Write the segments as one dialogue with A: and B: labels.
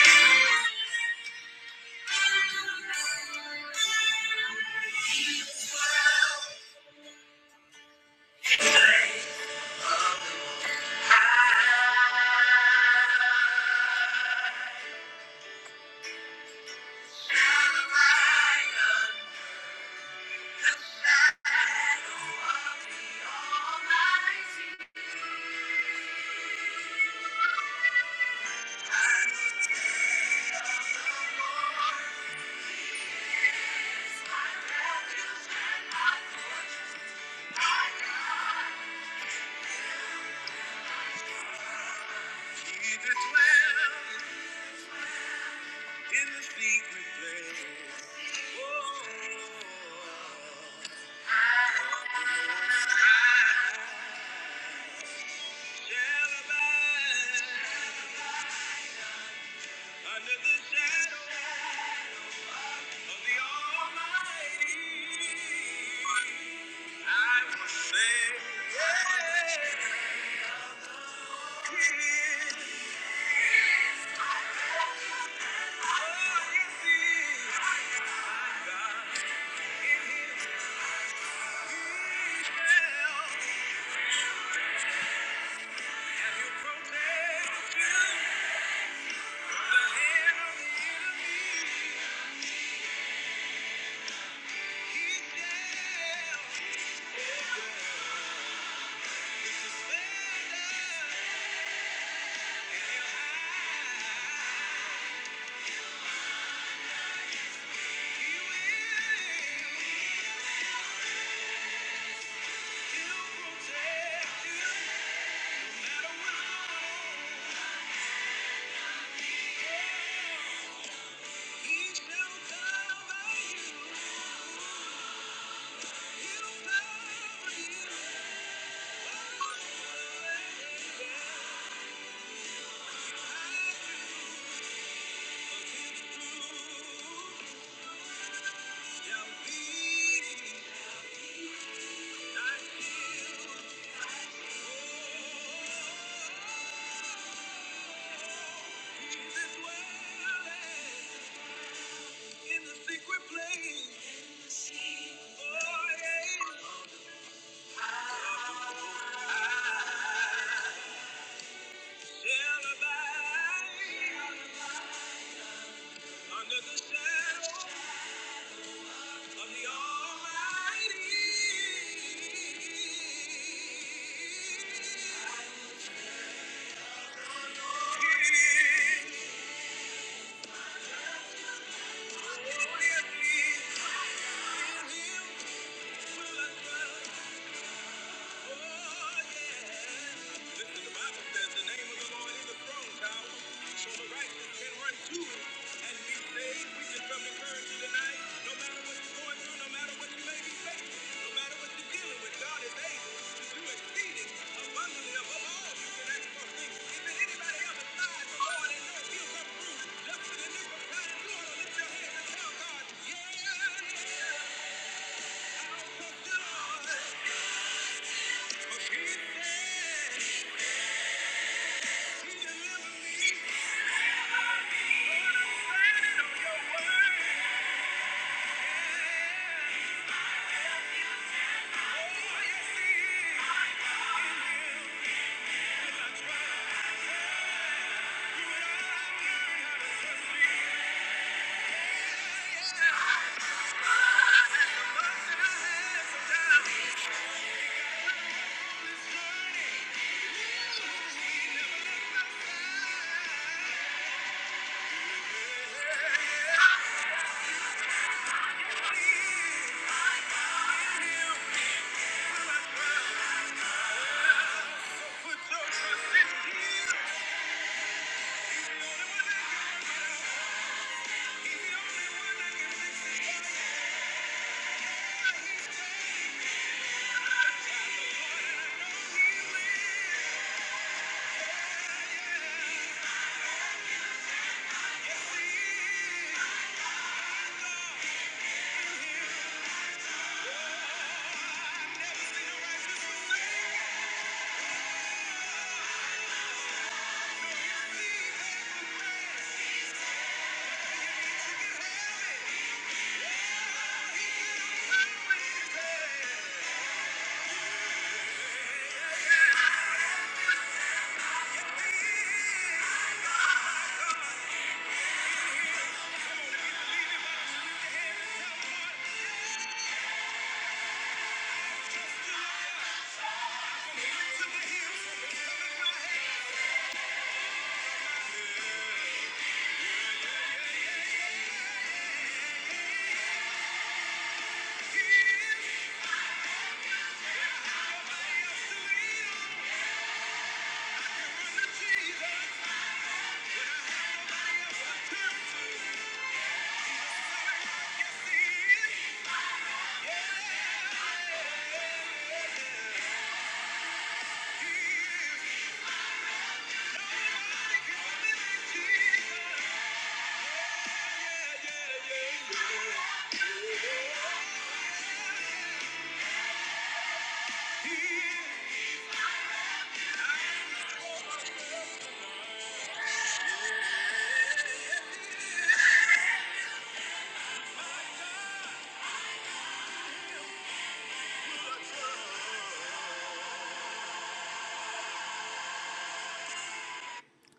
A: Thank you.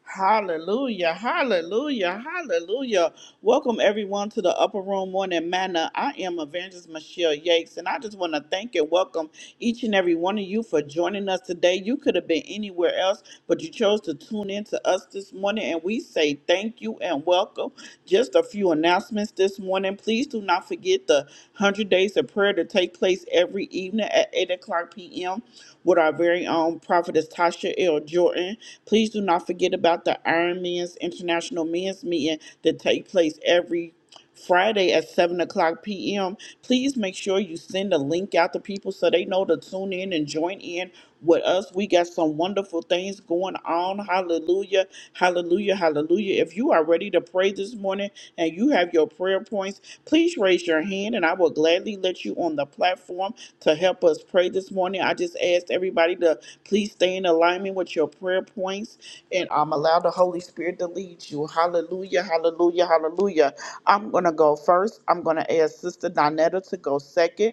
A: Hallelujah, hallelujah, hallelujah. Welcome everyone to the Upper Room Morning Manna. I am Evangelist Michelle Yates, and I just want to thank and welcome each and every one of you for joining us today. You could have been anywhere else, but you chose to tune in to us this morning, and we say thank you and welcome. Just a few announcements this morning. Please do not forget the 100 Days of Prayer to take place every evening at 8 o'clock p.m. with our very own prophetess Tasha L. Jordan. Please do not forget about the Iron Men's International Men's Meeting that takes place every Friday at 7 o'clock p.m. Please make sure you send a link out to people so they know to tune in and join in with us. We got some wonderful things going on. Hallelujah. Hallelujah. Hallelujah. If you are ready to pray this morning and you have your prayer points, please raise your hand and I will gladly let you on the platform to help us pray this morning. I just asked everybody to please stay in alignment with your prayer points and um, allow the Holy Spirit to lead you. Hallelujah. Hallelujah. Hallelujah. I'm going to go first. I'm going to ask Sister Donetta to go second.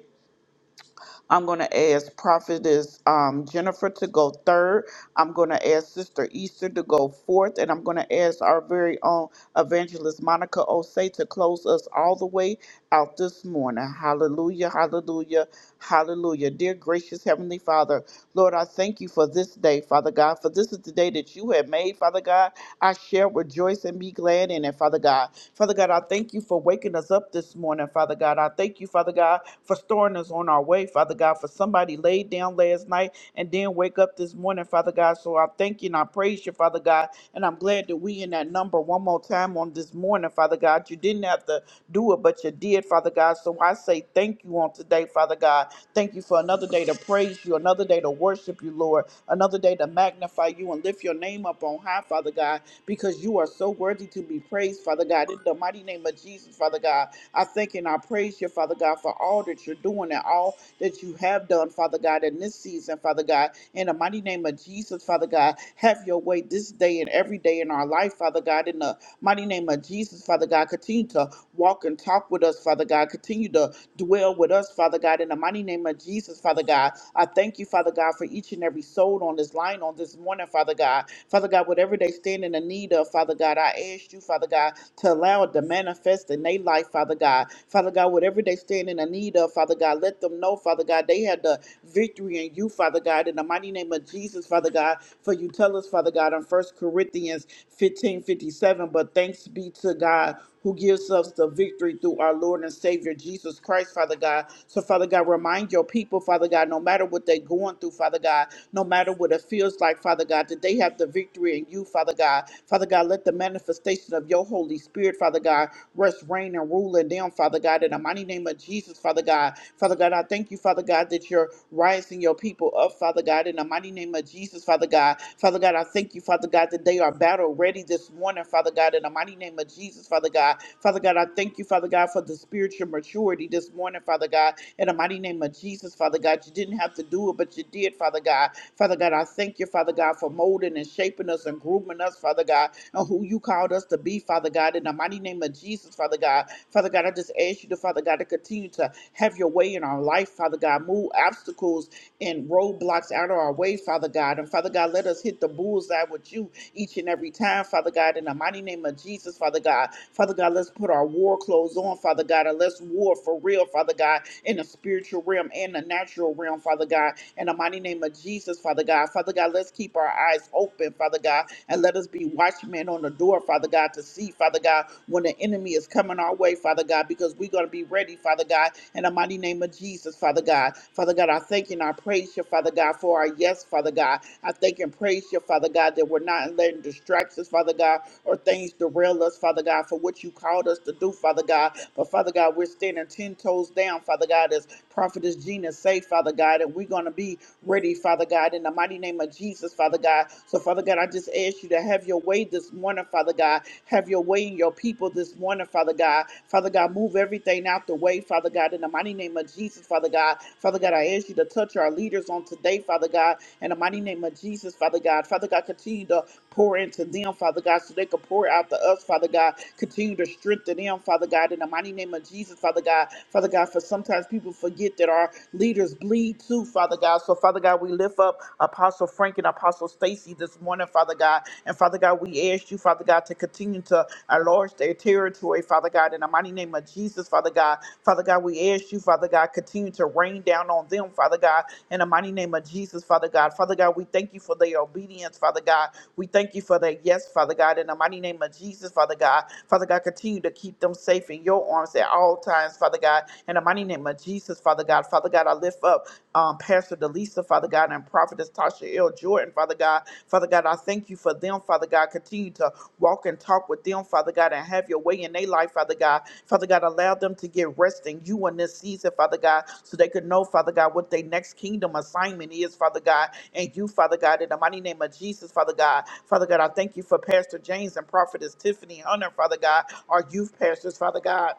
A: I'm going to ask Prophetess um, Jennifer to go third. I'm going to ask Sister Easter to go fourth. And I'm going to ask our very own evangelist Monica Osei to close us all the way out this morning. Hallelujah, hallelujah, hallelujah. Dear gracious Heavenly Father, Lord, I thank you for this day, Father God, for this is the day that you have made, Father God. I shall rejoice and be glad in it, Father God. Father God, I thank you for waking us up this morning, Father God. I thank you, Father God, for storing us on our way, Father God, for somebody laid down last night and then wake up this morning, Father God. So I thank you and I praise you, Father God. And I'm glad that we in that number one more time on this morning, Father God. You didn't have to do it, but you did, Father God. So I say thank you on today, Father God. Thank you for another day to praise you, another day to worship you, Lord, another day to magnify you and lift your name up on high, Father God because you are so worthy to be praised, Father God. In the mighty name of Jesus, Father God, I thank and I praise you, Father God, for all that you're doing and all that you have done, Father God, in this season, Father God. In the mighty name of Jesus, Father God, have your way this day and every day in our life, Father God. In the mighty name of Jesus, Father God, continue to walk and talk with us, Father God. Continue to dwell with us, Father God, in the mighty name of Jesus, Father God. I thank you, Father God, for each and every soul on this line on this morning, Father God. Father God, whatever they stand in the need of, Father God, I ask you, Father God, to allow it to manifest in their life, Father God. Father God, whatever they stand in the need of, Father God, let them know, Father God, they had the victory in you, Father God, in the mighty name of Jesus, Father God. For you tell us, Father God, in First Corinthians 15 57. but thanks be to God who gives us the victory through our Lord and Savior Jesus Christ, Father God. So, Father God, remind your people, Father God, no matter what they're going through, Father God, no matter what it feels like, Father God, that they have the victory in you, Father God. Father God, let the manifestation of your Holy Spirit, Father God, rest, reign, and rule in them, Father God, in the mighty name of Jesus, Father God. Father God, I thank you, Father God, that you're rising your people up, Father God, in the mighty name of Jesus, Father God. Father God, I thank you, Father God, that they are battle ready this morning, Father God, in the mighty name of Jesus, Father God. Father God, I thank you, Father God, for the spiritual maturity this morning, Father God, in the mighty name of Jesus, Father God. You didn't have to do it, but you did, Father God. Father God, I thank you, Father God, for molding and shaping us and grooming us, Father God, and who you called us to be, Father God, in the mighty name of Jesus, Father God. Father God, I just ask you to, Father God, to continue to have your way in our life, Father God. Move obstacles and roadblocks out of our way, Father God. And Father God, let us hit the bullseye with you each and every time, Father God, in the mighty name of Jesus, Father God. Father God, let's put our war clothes on, Father God, and let's war for real, Father God, in the spiritual realm and the natural realm, Father God, in the mighty name of Jesus, Father God. Father God, let's keep our eyes open, Father God, and let us be watchmen on the door, Father God, to see, Father God, when the enemy is coming our way, Father God, because we're going to be ready, Father God, in the mighty name of Jesus, Father God. Father God, I thank you thank you and I praise you, Father God, for our yes, Father God. I thank and praise you, Father God, that we're not letting distractions, Father God, or things derail us, Father God, for what you called us to do, Father God. But Father God, we're standing ten toes down, Father God, as Prophetess Gina say, Father God, and we're gonna be ready, Father God, in the mighty name of Jesus, Father God. So, Father God, I just ask you to have your way this morning, Father God. Have your way in your people this morning, Father God. Father. Father God, move everything out the way, Father God, in the mighty name of Jesus, Father God. Father God, I ask you to touch our leaders on today, Father God, in the mighty name of Jesus, Father God. Father God, continue to pour into them, Father God, so they can pour out to us, Father God. Continue to strengthen them, Father God, in the mighty name of Jesus, Father God. Father God, for sometimes people forget that our leaders bleed too, Father God. So, Father God, we lift up Apostle Frank and Apostle Stacy this morning, Father God, and Father God, we ask you, Father God, to continue to uh, enlarge their territory, Father God, in the mighty name of Jesus, Father God. Father God, we ask you, Father God, continue to rain down on them, Father God, in the mighty name of Jesus, Father God. Father God, we thank you for their obedience, Father God. We thank you for their yes, Father God, in the mighty name of Jesus, Father God. Father God, continue to keep them safe in your arms at all times, Father God, in the mighty name of Jesus, Father God. Father God, I lift up. Um, um, Pastor Delisa, Father God, and Prophetess Tasha L. Jordan, Father God. Father God, I thank you for them, Father God. Continue to walk and talk with them, Father God, and have your way in their life, Father God. Father God, allow them to get rest in you in this season, Father God, so they could know, Father God, what their next kingdom assignment is, Father God, and you, Father God, in the mighty name of Jesus, Father God. Father God, I thank you for Pastor James and Prophetess Tiffany Hunter, Father God, our youth pastors, Father God.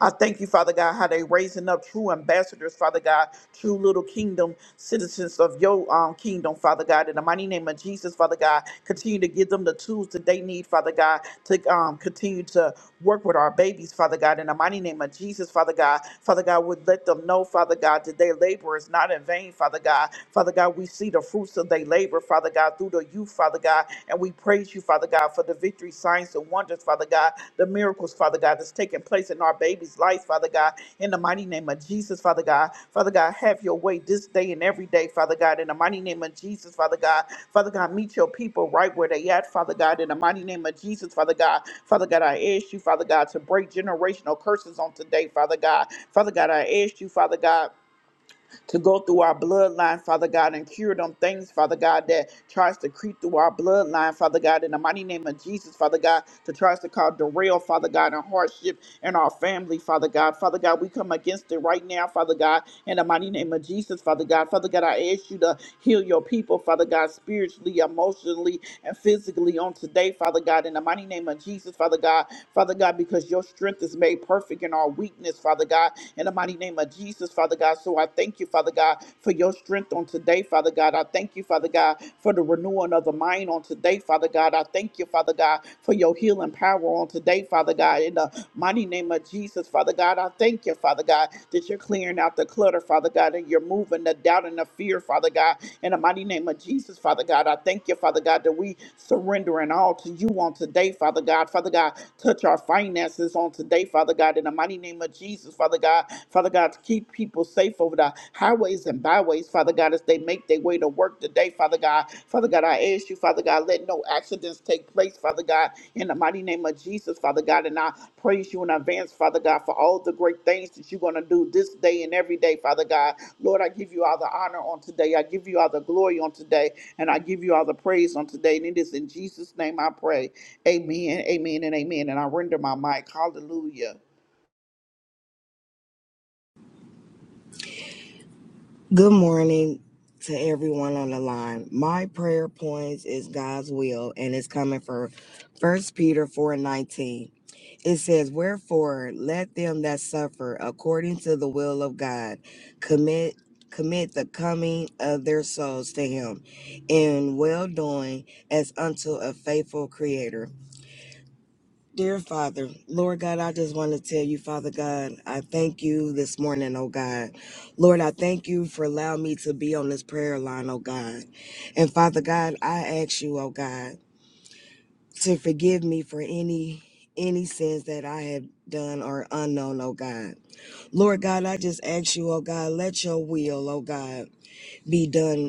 A: I thank you, Father God, how they raising up true ambassadors, Father God, true little kingdom citizens of your um, kingdom, Father God. In the mighty name of Jesus, Father God, continue to give them the tools that they need, Father God, to um, continue to work with our babies, Father God. In the mighty name of Jesus, Father God, Father God, would let them know, Father God, that their labor is not in vain, Father God. Father God, we see the fruits of their labor, Father God, through the youth, Father God. God. And we praise you, Father God, for the victory, signs, and wonders, Father God, the miracles, Father God, that's taking place in our baby's life, Father God, in the mighty name of Jesus, Father God. Father God, have your way this day and every day, Father God, in the mighty name of Jesus, Father God. Father God, meet your people right where they at, Father God, in the mighty name of Jesus, Father God. Father God, I ask you, Father God, to break generational curses on today, Father God. Father God, I ask you, Father God to go through our bloodline, Father God, and cure them things, Father God, that tries to creep through our bloodline, Father God, in the mighty name of Jesus, Father God, to tries to cause derail, Father God, and hardship in our family, Father God. Father God, we come against it right now, Father God, in the mighty name of Jesus, Father God. Father God, I ask you to heal your people, Father God, spiritually, emotionally, and physically on today, Father God, in the mighty name of Jesus, Father God. Father God, because your strength is made perfect in our weakness, Father God, in the mighty name of Jesus, Father God. So I thank you, Father God, for your strength on today, Father God. I thank you, Father God, for the renewing of the mind on today, Father God. I thank you, Father God, for your healing power on today, Father God, in the mighty name of Jesus, Father God. I thank you, Father God, that you're clearing out the clutter, Father God, and you're moving the doubt and the fear, Father God, in the mighty name of Jesus, Father God. I thank you, Father God, that we surrendering all to you on today today, Father God. Father God, touch our finances on today, Father God, in the mighty name of Jesus, Father God. Father God, to keep people safe over the highways and byways, Father God, as they make their way to work today, Father God. Father God, I ask you, Father God, let no accidents take place, Father God, in the mighty name of Jesus, Father God. And I praise you in advance, Father God, for all the great things that you're going to do this day and every day, Father God. Lord, I give you all the honor on today. I give you all the glory on today. And I give you all the praise on today. And it is in Jesus' name I pray. Amen, amen, and amen. And I render my mic. Hallelujah.
B: Good morning to everyone on the line. My prayer points is God's will, and it's coming for First Peter 4 and 19. It says, Wherefore let them that suffer according to the will of God commit commit the coming of their souls to him in well doing as unto a faithful creator Dear Father, Lord God, I just want to tell you, Father God, I thank you this morning, oh God. Lord, I thank you for allowing me to be on this prayer line, oh God. And Father God, I ask you, oh God, to forgive me for any any sins that I have done or unknown, oh God. Lord God, I just ask you, oh God, let your will, oh God, be done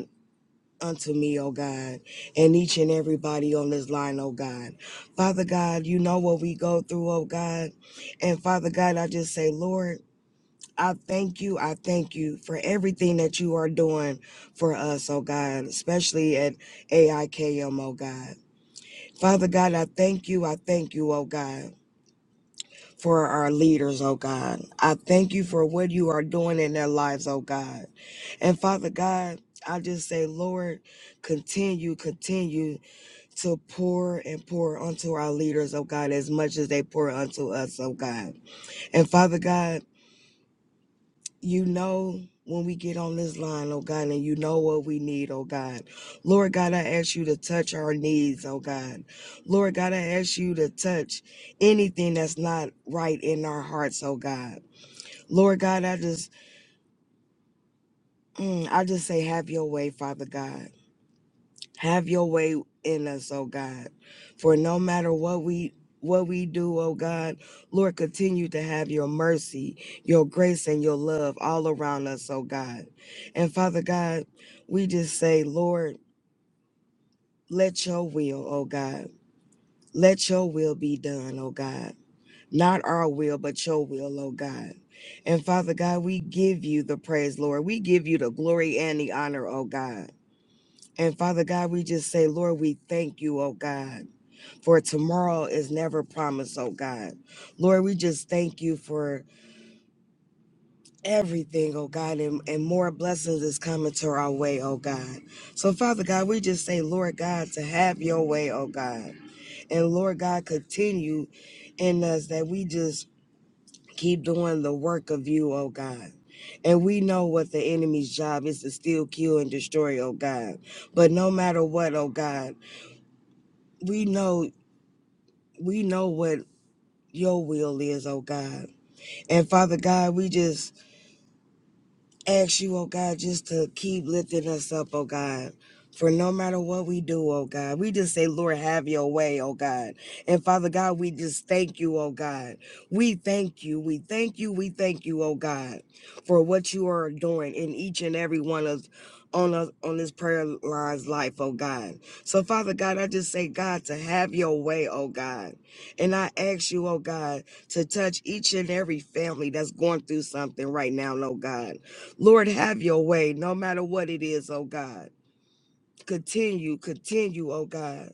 B: unto me, O God, and each and everybody on this line, O God. Father God, you know what we go through, O God. And Father God, I just say, Lord, I thank you. I thank you for everything that you are doing for us, oh God, especially at AIKM, oh God. Father God, I thank you. I thank you, oh God, for our leaders, oh God. I thank you for what you are doing in their lives, oh God. And Father God, I just say, Lord, continue, continue to pour and pour unto our leaders, oh God, as much as they pour unto us, oh God. And Father God, you know when we get on this line, oh God, and you know what we need, oh God. Lord God, I ask you to touch our needs, oh God. Lord God, I ask you to touch anything that's not right in our hearts, oh God. Lord God, I just, mm, I just say, have your way, Father God. Have your way in us, oh God. For no matter what we what we do, oh God, Lord, continue to have your mercy, your grace, and your love all around us, oh God. And Father God, we just say, Lord, let your will, oh God, let your will be done, oh God. Not our will, but your will, oh God. And Father God, we give you the praise, Lord. We give you the glory and the honor, oh God. And Father God, we just say, Lord, we thank you, oh God. for tomorrow is never promised, oh God. Lord, we just thank you for everything, oh God, and, and more blessings is coming to our way, oh God. So, Father God, we just say, Lord God, to have your way, oh God. And Lord God, continue in us that we just keep doing the work of you, oh God. And we know what the enemy's job is to steal, kill, and destroy, oh God. But no matter what, oh God, we know we know what your will is, oh God. And Father God, we just ask you, oh God, just to keep lifting us up, oh God. For no matter what we do, oh God, we just say, Lord, have your way, oh God. And Father God, we just thank you, oh God. We thank you, we thank you, we thank you, oh God, for what you are doing in each and every one of on us on this prayer line's life, oh God. So Father God, I just say, God, to have your way, oh God. And I ask you, oh God, to touch each and every family that's going through something right now, oh God. Lord, have your way no matter what it is, oh God. Continue, continue, oh God,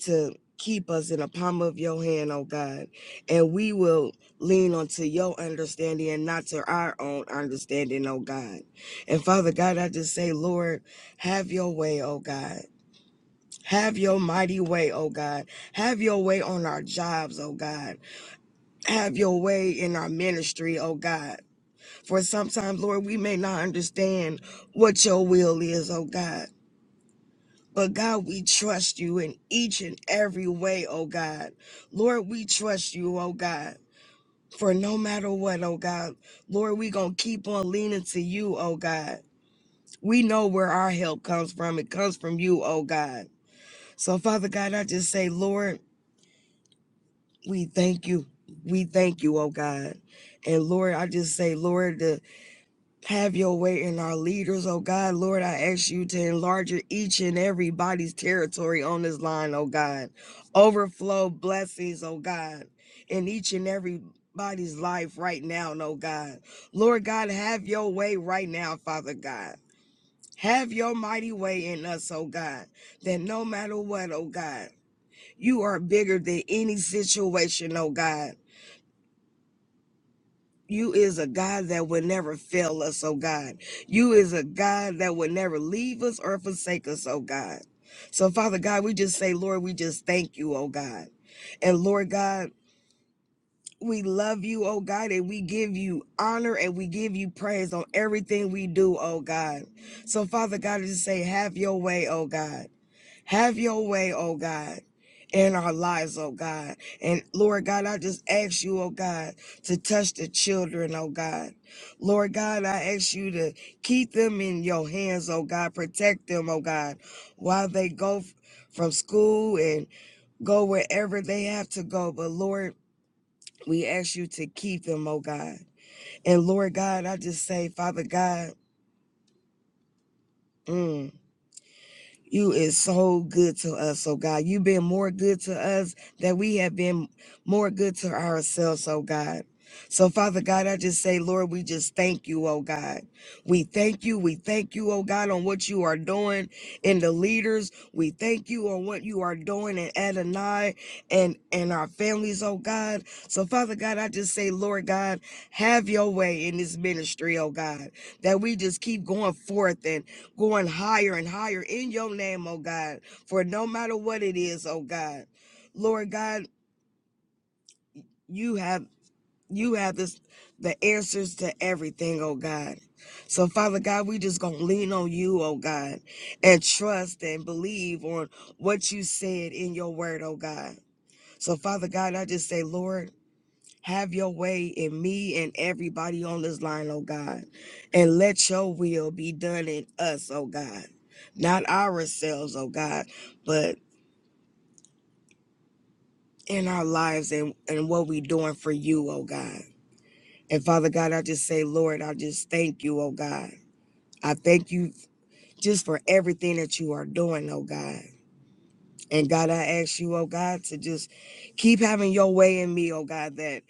B: to keep us in the palm of your hand, oh God. And we will lean onto your understanding and not to our own understanding, oh God. And Father God, I just say, Lord, have your way, oh God. Have your mighty way, oh God. Have your way on our jobs, oh God. Have your way in our ministry, oh God. For sometimes, Lord, we may not understand what your will is, oh God. But God, we trust you in each and every way, oh God. Lord, we trust you, oh God. For no matter what, oh God, Lord, we going to keep on leaning to you, oh God. We know where our help comes from. It comes from you, oh God. So, Father God, I just say, Lord, we thank you. We thank you, oh God. And Lord, I just say, Lord, the Have your way in our leaders, oh God. Lord, I ask you to enlarge each and everybody's territory on this line, oh God. Overflow blessings, oh God, in each and every body's life right now, oh God. Lord God, have your way right now, Father God. Have your mighty way in us, oh God, that no matter what, oh God, you are bigger than any situation, oh God. you is a God that will never fail us, oh God. You is a God that will never leave us or forsake us, oh God. So, Father God, we just say, Lord, we just thank you, oh God. And Lord God, we love you, oh God, and we give you honor and we give you praise on everything we do, oh God. So, Father God, I just say, have your way, oh God. Have your way, oh God, in our lives, oh God. And Lord God, I just ask you, oh God, to touch the children, oh God. Lord God, I ask you to keep them in your hands, oh God. Protect them, oh God, while they go f- from school and go wherever they have to go. But Lord, we ask you to keep them, oh God. And Lord God, I just say, Father God, mm, You is so good to us. So God, you've been more good to us that we have been more good to ourselves, oh God. So Father God, I just say, Lord, we just thank you, oh God. We thank you. We thank you, oh God, on what you are doing in the leaders. We thank you on what you are doing in Adonai and, and our families, oh God. So Father God, I just say, Lord God, have your way in this ministry, oh God, that we just keep going forth and going higher and higher in your name, oh God, for no matter what it is, oh God, Lord God, you have you have this the answers to everything, oh God. So Father God, we just gonna lean on you, oh God, and trust and believe on what you said in your word, oh God. So Father God, I just say, Lord. Have your way in me and everybody on this line, oh God. And let your will be done in us, oh God. Not ourselves, oh God, but in our lives and, and what we doing for you, oh God. And Father God, I just say, Lord, I just thank you, oh God. I thank you just for everything that you are doing, oh God. And God, I ask you, oh God, to just keep having your way in me, oh God, that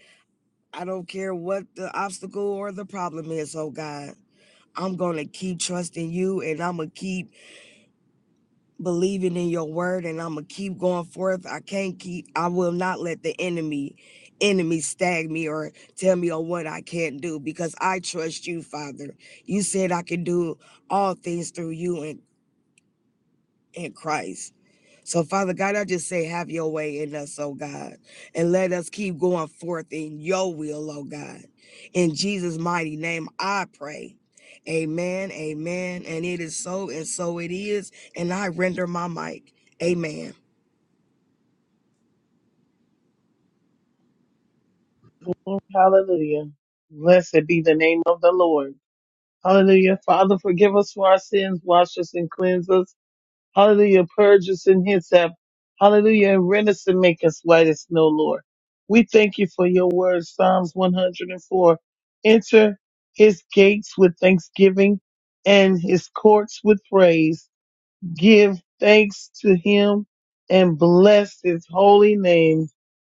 B: I don't care what the obstacle or the problem is, oh God. I'm going to keep trusting you and I'm going to keep believing in your word and I'm going to keep going forth. I can't keep, I will not let the enemy, enemy stag me or tell me on what I can't do because I trust you, Father. You said I can do all things through you and in Christ. So, Father God, I just say, have your way in us, oh God, and let us keep going forth in your will, oh God. In Jesus' mighty name, I pray. Amen, amen. And it is so, and so it is. And I render my mic. Amen.
C: Hallelujah. Blessed be the name of the Lord. Hallelujah. Father, forgive us for our sins, wash us and cleanse us. Hallelujah. Purge us in hyssop. Hallelujah. And rend us and make us white as snow, Lord. We thank you for your word, Psalms 104. Enter his gates with thanksgiving and his courts with praise give thanks to him and bless his holy name.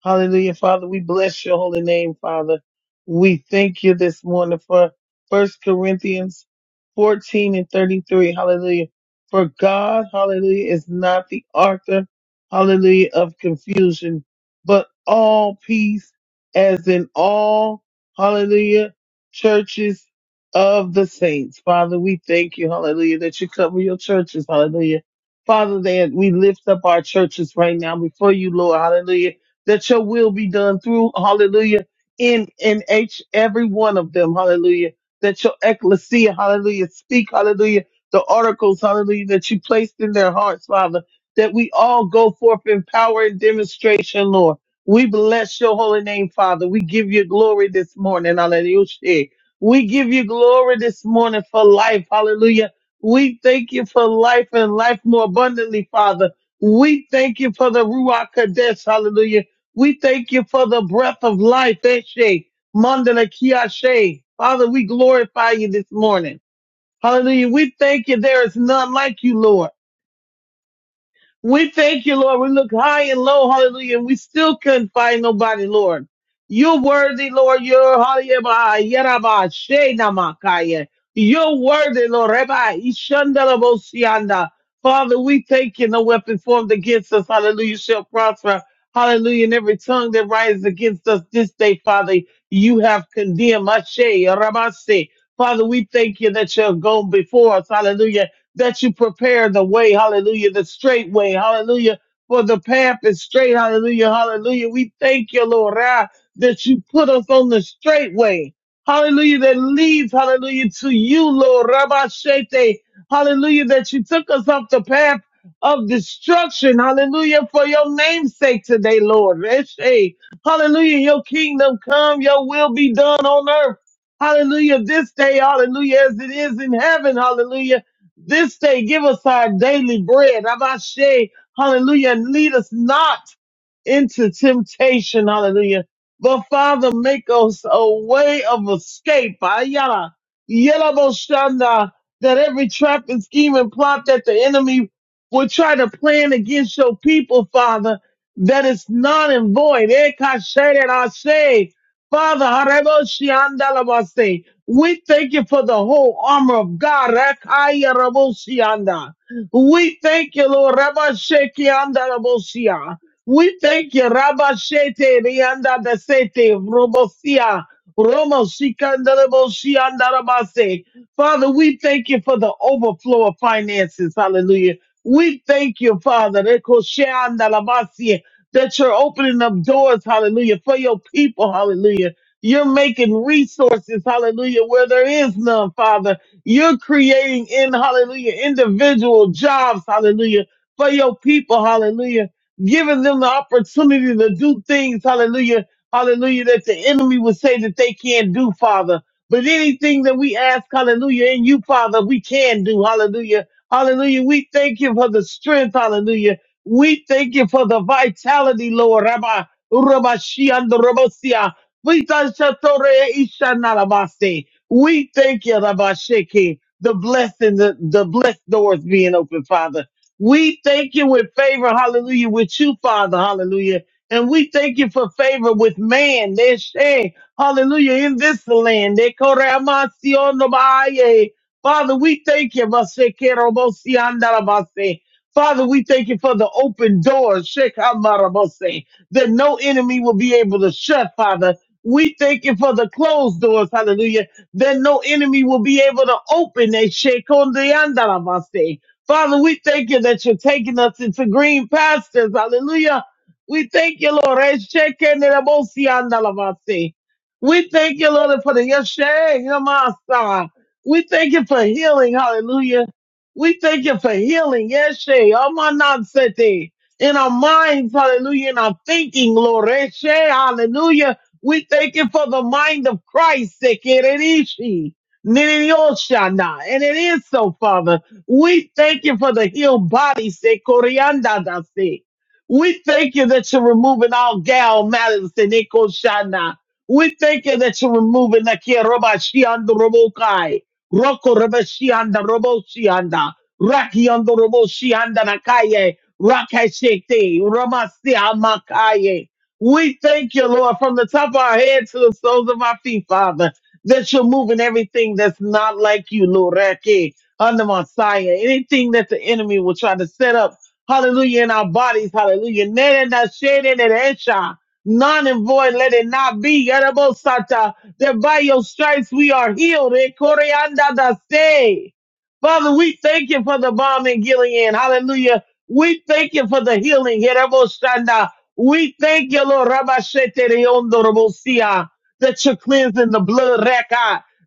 C: Hallelujah. Father, we bless your holy name, Father. We thank you this morning for First Corinthians 14 and 33. Hallelujah. For God, hallelujah, is not the author, hallelujah, of confusion, but all peace as in all, hallelujah, churches of the saints. Father, we thank you, hallelujah, that you cover your churches, hallelujah. Father, that we lift up our churches right now before you, Lord, hallelujah, that your will be done through, hallelujah, in, in each, every one of them, hallelujah, that your ecclesia, hallelujah, speak, hallelujah, the oracles, hallelujah, that you placed in their hearts, Father, that we all go forth in power and demonstration, Lord. We bless your holy name, Father. We give you glory this morning, hallelujah. We give you glory this morning for life. Hallelujah. We thank you for life and life more abundantly, Father. We thank you for the Ruach Kadesh. Hallelujah. We thank you for the breath of life. Eshe, Mandala Kiashe. Father, we glorify you this morning. Hallelujah. We thank you. There is none like you, Lord. We thank you, Lord. We look high and low, hallelujah, and we still couldn't find nobody, Lord. You're worthy, Lord. You're hallelujah, yeraba, shena makaya. You're worthy, Lord. Reba, ishanda labosianda. Father, we thank you. No weapon formed against us, hallelujah, shall prosper. Hallelujah. And every tongue that rises against us this day, Father, you have condemned. Ashe, rabase. Father, we thank you that you're gone before us. Hallelujah that you prepare the way, hallelujah, the straight way, hallelujah, for the path is straight, hallelujah, hallelujah. We thank you, Lord, ah, that you put us on the straight way, hallelujah, that leads, hallelujah, to you, Lord, Rabbi Shete, hallelujah, that you took us off the path of destruction, hallelujah, for your name's sake today, Lord. Reshe. Hallelujah, your kingdom come, your will be done on earth. Hallelujah, this day, hallelujah, as it is in heaven, hallelujah. This day give us our daily bread. Abashe, hallelujah. And lead us not into temptation. Hallelujah. But Father, make us a way of escape. Ayala, yala boshanda, that every trap and scheme and plot that the enemy will try to plan against your people, Father, that is non and void. Eh, kashere rashe. Father, harebo shianda labase. we thank you for the whole armor of God. Rakaya rabo shianda. We thank you, Lord. Rabba Shekianda Rabosia. We thank you, Rabba Shete, Rianda Besete, Robosia, Romo Shikandarabo Shiandarabase. Father, we thank you for the overflow of finances. Hallelujah. We thank you, Father, Reko Shiandarabasi, that you're opening up doors, hallelujah, for your people, hallelujah. You're making resources, hallelujah, where there is none, Father. You're creating in, hallelujah, individual jobs, hallelujah, for your people, hallelujah giving them the opportunity to do things, hallelujah, hallelujah, that the enemy would say that they can't do, Father. But anything that we ask, hallelujah, in you, Father, we can do, hallelujah, hallelujah. We thank you for the strength, hallelujah. We thank you for the vitality, Lord. Rabbi, Rabbi Shian, the Rabbi Sia. We thank you, Tore Isha Narabase. We thank you, Rabbi Sheke, the blessing, the, the blessed doors being open, Father. We thank you with favor, hallelujah, with you, Father, hallelujah. And we thank you for favor with man. They say, hallelujah, in this land. They call it Amasio no Baye. Father, we thank you. Vase Kero Bosi Andarabase. Father, we thank you for the open doors, Sheikh Amarabose, that no enemy will be able to shut, Father. We thank you for the closed doors, hallelujah, that no enemy will be able to open. They shake on the Father, we thank you that you're taking us into green pastures. Hallelujah. We thank you, Lord. Eshekenerabosiandalavasi. We thank you, Lord, for the Yeshe, Yamasa. We thank you for healing. Hallelujah. We thank you for healing. Yeshe, Amanansete. In our minds, hallelujah, in our thinking, Lord. Eshe, Hallelujah. We thank you for the mind of Christ. Sekererishi, Niniyoshana. And it is so, Father. We thank you for the healed body, say Corianda da se. We thank you that you're removing all gal matters in Shana. We thank you that you're removing the Kirobashianda Robokai, Roko Rabashianda Roboshianda, Raki on the Roboshianda Nakaye, Rakashete, Ramasia Makaye. We thank you, Lord, from the top of our head to the soles of our feet, Father, that you're moving everything that's not like you, Lord under Messiah. Anything that the enemy will try to set up, hallelujah, in our bodies, hallelujah. Nay, in that shade, in that esha, None and void, let it not be. Yarabosata, That by your stripes we are healed. Eh, koreanda da se. Father, we thank you for the bomb in Gilead. Hallelujah. We thank you for the healing. Yarabosanda. We thank you, Lord, Rabashete Reondo Rabosia, that you're cleansing the blood of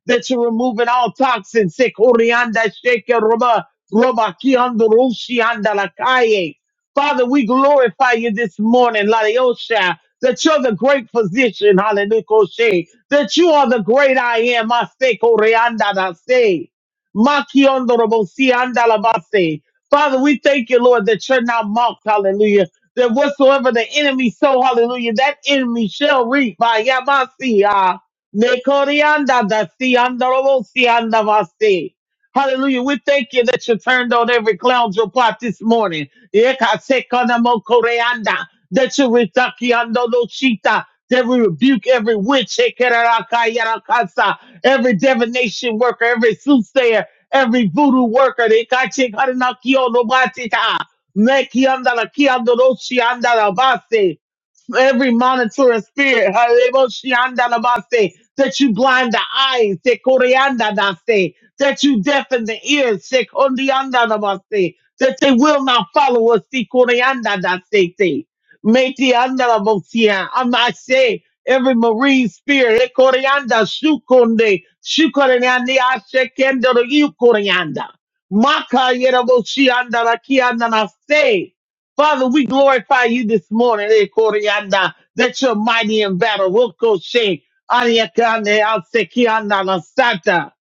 C: that you're removing all toxins. Se corianda sheke roba, roba kiando rushi anda la calle. Father, we glorify you this morning, Ladiosha, that you're the great physician, hallelujah, koshe, that you are the great I am, Mase corianda da se. Makiondo robo si anda la base. Father, we thank you, Lord, that you're not mocked, hallelujah that whatsoever the enemy sow, hallelujah, that enemy shall reap by Yamasi. Nekorianda da si andorobo si andavasi. Hallelujah. We thank you that you turned on every clown your plot this morning. Eka sekana mo koreanda That you retakiandoloshita. That we rebuke every witch, Ekerakakayarakasa. every divination worker, every soothsayer, every voodoo worker. Eka chekaranakio no batita. Nekianda la Ekachekaranakiolobatita. Nekiandalakiandoloshiandalabase every monitoring spirit, Haleboshiandalabase, that you blind the eyes, Sekoriandadase, that you deafen the ears, Sekondiandalabase, that they will not follow us, Sekoriandadase, Metiandalabosia, Amase, every marine spirit, Ekorianda, Shukonde, Shukoriandi, Ashekendo, Yukorianda, Maka Yeraboshiandalakiandanase, Father, we glorify you this morning, eh, Koryanda, that you're mighty in battle. Roko she, Ariakande, Alsekianda, La Santa.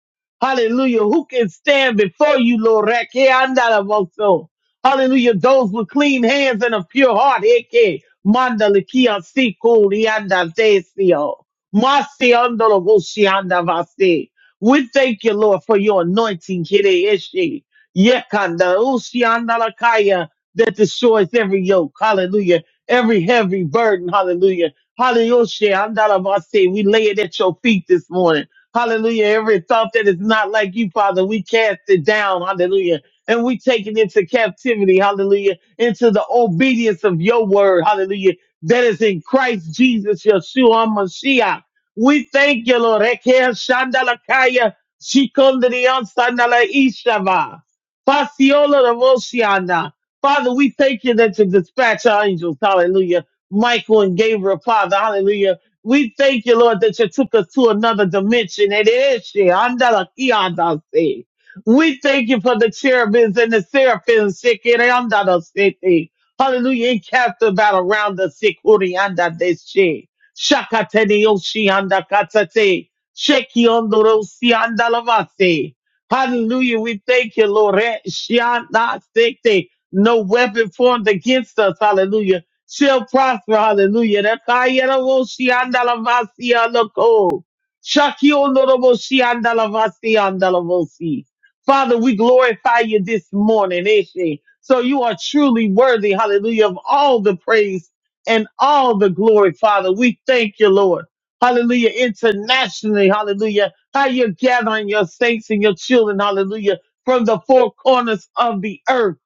C: Hallelujah. Who can stand before you, Lord? Rekianda, La Voso. Hallelujah. Those with clean hands and a pure heart. Eke, Manda, Likia, Siku, Lianda, Desio. Masi, Ando, La Voshianda, Vasi. We thank you, Lord, for your anointing. Kiri, Ishi. Yekanda, Ushianda, Lakaya that destroys every yoke. Hallelujah. Every heavy burden. Hallelujah. Hallelujah. I'm not about to say we lay it at your feet this morning. Hallelujah. Every thought that is not like you, Father, we cast it down. Hallelujah. And we take it into captivity. Hallelujah. Into the obedience of your word. Hallelujah. That is in Christ Jesus, Yeshua Mashiach. We thank you, Lord. Ekeha shandalakaya shikondriyan sandala ishava. Fasiola Father, we thank you that you dispatch our angels, hallelujah. Michael and Gabriel, Father, hallelujah. We thank you, Lord, that you took us to another dimension. It is she, andala, ki, andala, si. We thank you for the cherubims and the seraphims, sick, it, andala, si, ti. hallelujah, encamped about around the sick, uri, anda, de, she. Shakate, de, yo, she, anda, katate. Sheki, ondoro, si, andala, vase. Hallelujah. We thank you, Lord. Eh, she, anda, si, ti. No weapon formed against us, hallelujah, shall prosper, hallelujah. Rakayaraboshiandalavasialoko. Shakionoroboshiandalavasiandalavosi. Father, we glorify you this morning, Eshe. So you are truly worthy, hallelujah, of all the praise and all the glory, Father. We thank you, Lord. Hallelujah. Internationally, hallelujah. How you're gathering your saints and your children, hallelujah, from the four corners of the earth.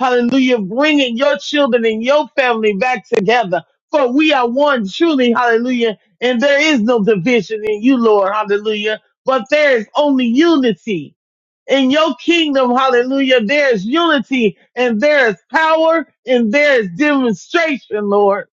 C: Hallelujah. Bringing your children and your family back together. For we are one truly. Hallelujah. And there is no division in you, Lord. Hallelujah. But there is only unity. In your kingdom, hallelujah, there is unity and there is power and there is demonstration, Lord.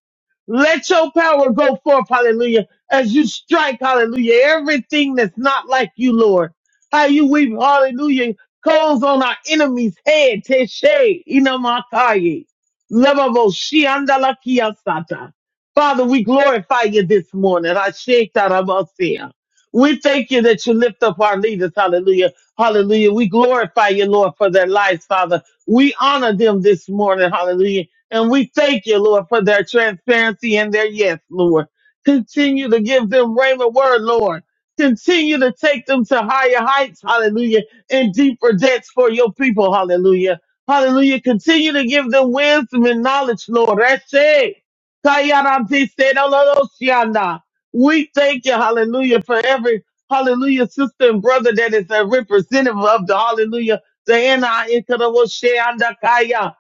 C: Let your power go forth, hallelujah, as you strike, hallelujah, everything that's not like you, Lord. How you weep, hallelujah, coals on our enemy's head, Teshe, Inamakaye, Levavo, Shiandalakiyasata. Father, we glorify you this morning. I shake that We thank you that you lift up our leaders, hallelujah. Hallelujah. We glorify you, Lord, for their lives, Father. We honor them this morning. Hallelujah. And we thank you, Lord, for their transparency and their yes, Lord. Continue to give them rhema word, Lord. Continue to take them to higher heights. Hallelujah. And deeper depths for your people. Hallelujah. Hallelujah. Continue to give them wisdom and knowledge, Lord. That's it. Kayarantiste, no, no, no, shianda. We thank you, hallelujah, for every hallelujah, sister and brother that is a representative of the hallelujah, the N-I-N-K-O-S-H-E-A-N-D-A-K-I-A,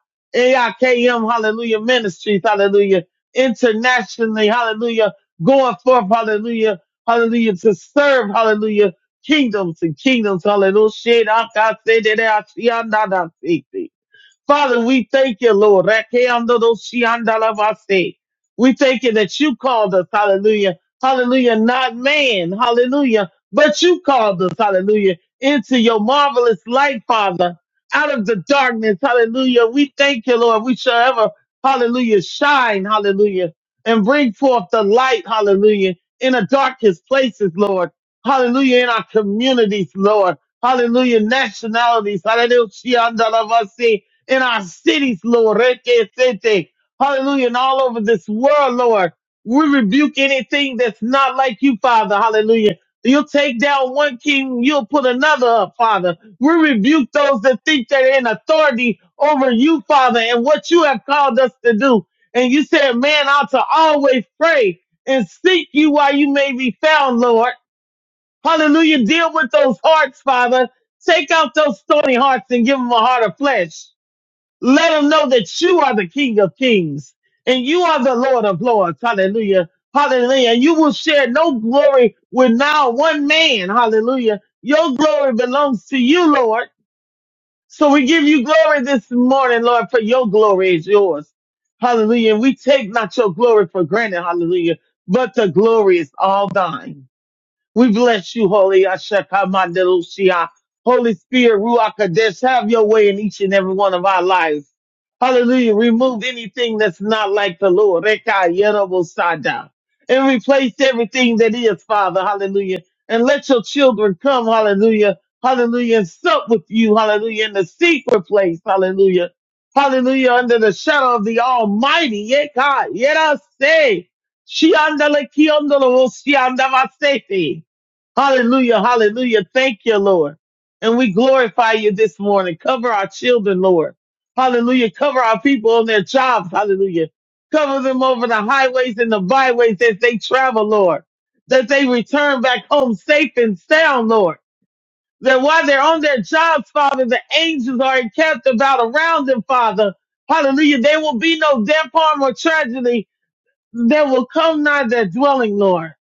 C: hallelujah, ministries, hallelujah, internationally, hallelujah, going forth, hallelujah, hallelujah, to serve, hallelujah, kingdoms and kingdoms, hallelujah, Father, we thank you, Lord. Rekeandodoshiandalavase. We thank you that you called us, hallelujah. Hallelujah, not man, hallelujah, but you called us, hallelujah, into your marvelous light, Father, out of the darkness, hallelujah. We thank you, Lord. We shall ever, hallelujah, shine, hallelujah, and bring forth the light, hallelujah, in the darkest places, Lord. Hallelujah, in our communities, Lord. Hallelujah, nationalities. Hallelujah in our cities, Lord. Rekesete. Hallelujah. And all over this world, Lord. We rebuke anything that's not like you, Father. Hallelujah. You'll take down one king, you'll put another up, Father. We rebuke those that think they're in authority over you, Father, and what you have called us to do. And you said, man ought to always pray and seek you while you may be found, Lord. Hallelujah. Deal with those hearts, Father. Take out those stony hearts and give them a heart of flesh. Let them know that you are the King of Kings and you are the Lord of Lords. Hallelujah. Hallelujah. And you will share no glory with now one man. Hallelujah. Your glory belongs to you, Lord. So we give you glory this morning, Lord, for your glory is yours. Hallelujah. And we take not your glory for granted. Hallelujah. But the glory is all thine. We bless you, Holy Ashakamandelusia. Holy Spirit, Ruach Kodesh, have your way in each and every one of our lives. Hallelujah. Remove anything that's not like the Lord. Reka Yerobosada. And replace everything that is, Father. Hallelujah. And let your children come. Hallelujah. Hallelujah. And sup with you. Hallelujah. In the secret place. Hallelujah. Hallelujah. Under the shadow of the Almighty. Yeka. Yera say. Shiandala kiondolo Shiandava Hallelujah. Hallelujah. Thank you, Lord. And we glorify you this morning. Cover our children, Lord. Hallelujah. Cover our people on their jobs. Hallelujah. Cover them over the highways and the byways as they travel, Lord. That they return back home safe and sound, Lord. That while they're on their jobs, Father, the angels are encamped about around them, Father. Hallelujah. There will be no death, harm, or tragedy that will come nigh their dwelling, Lord.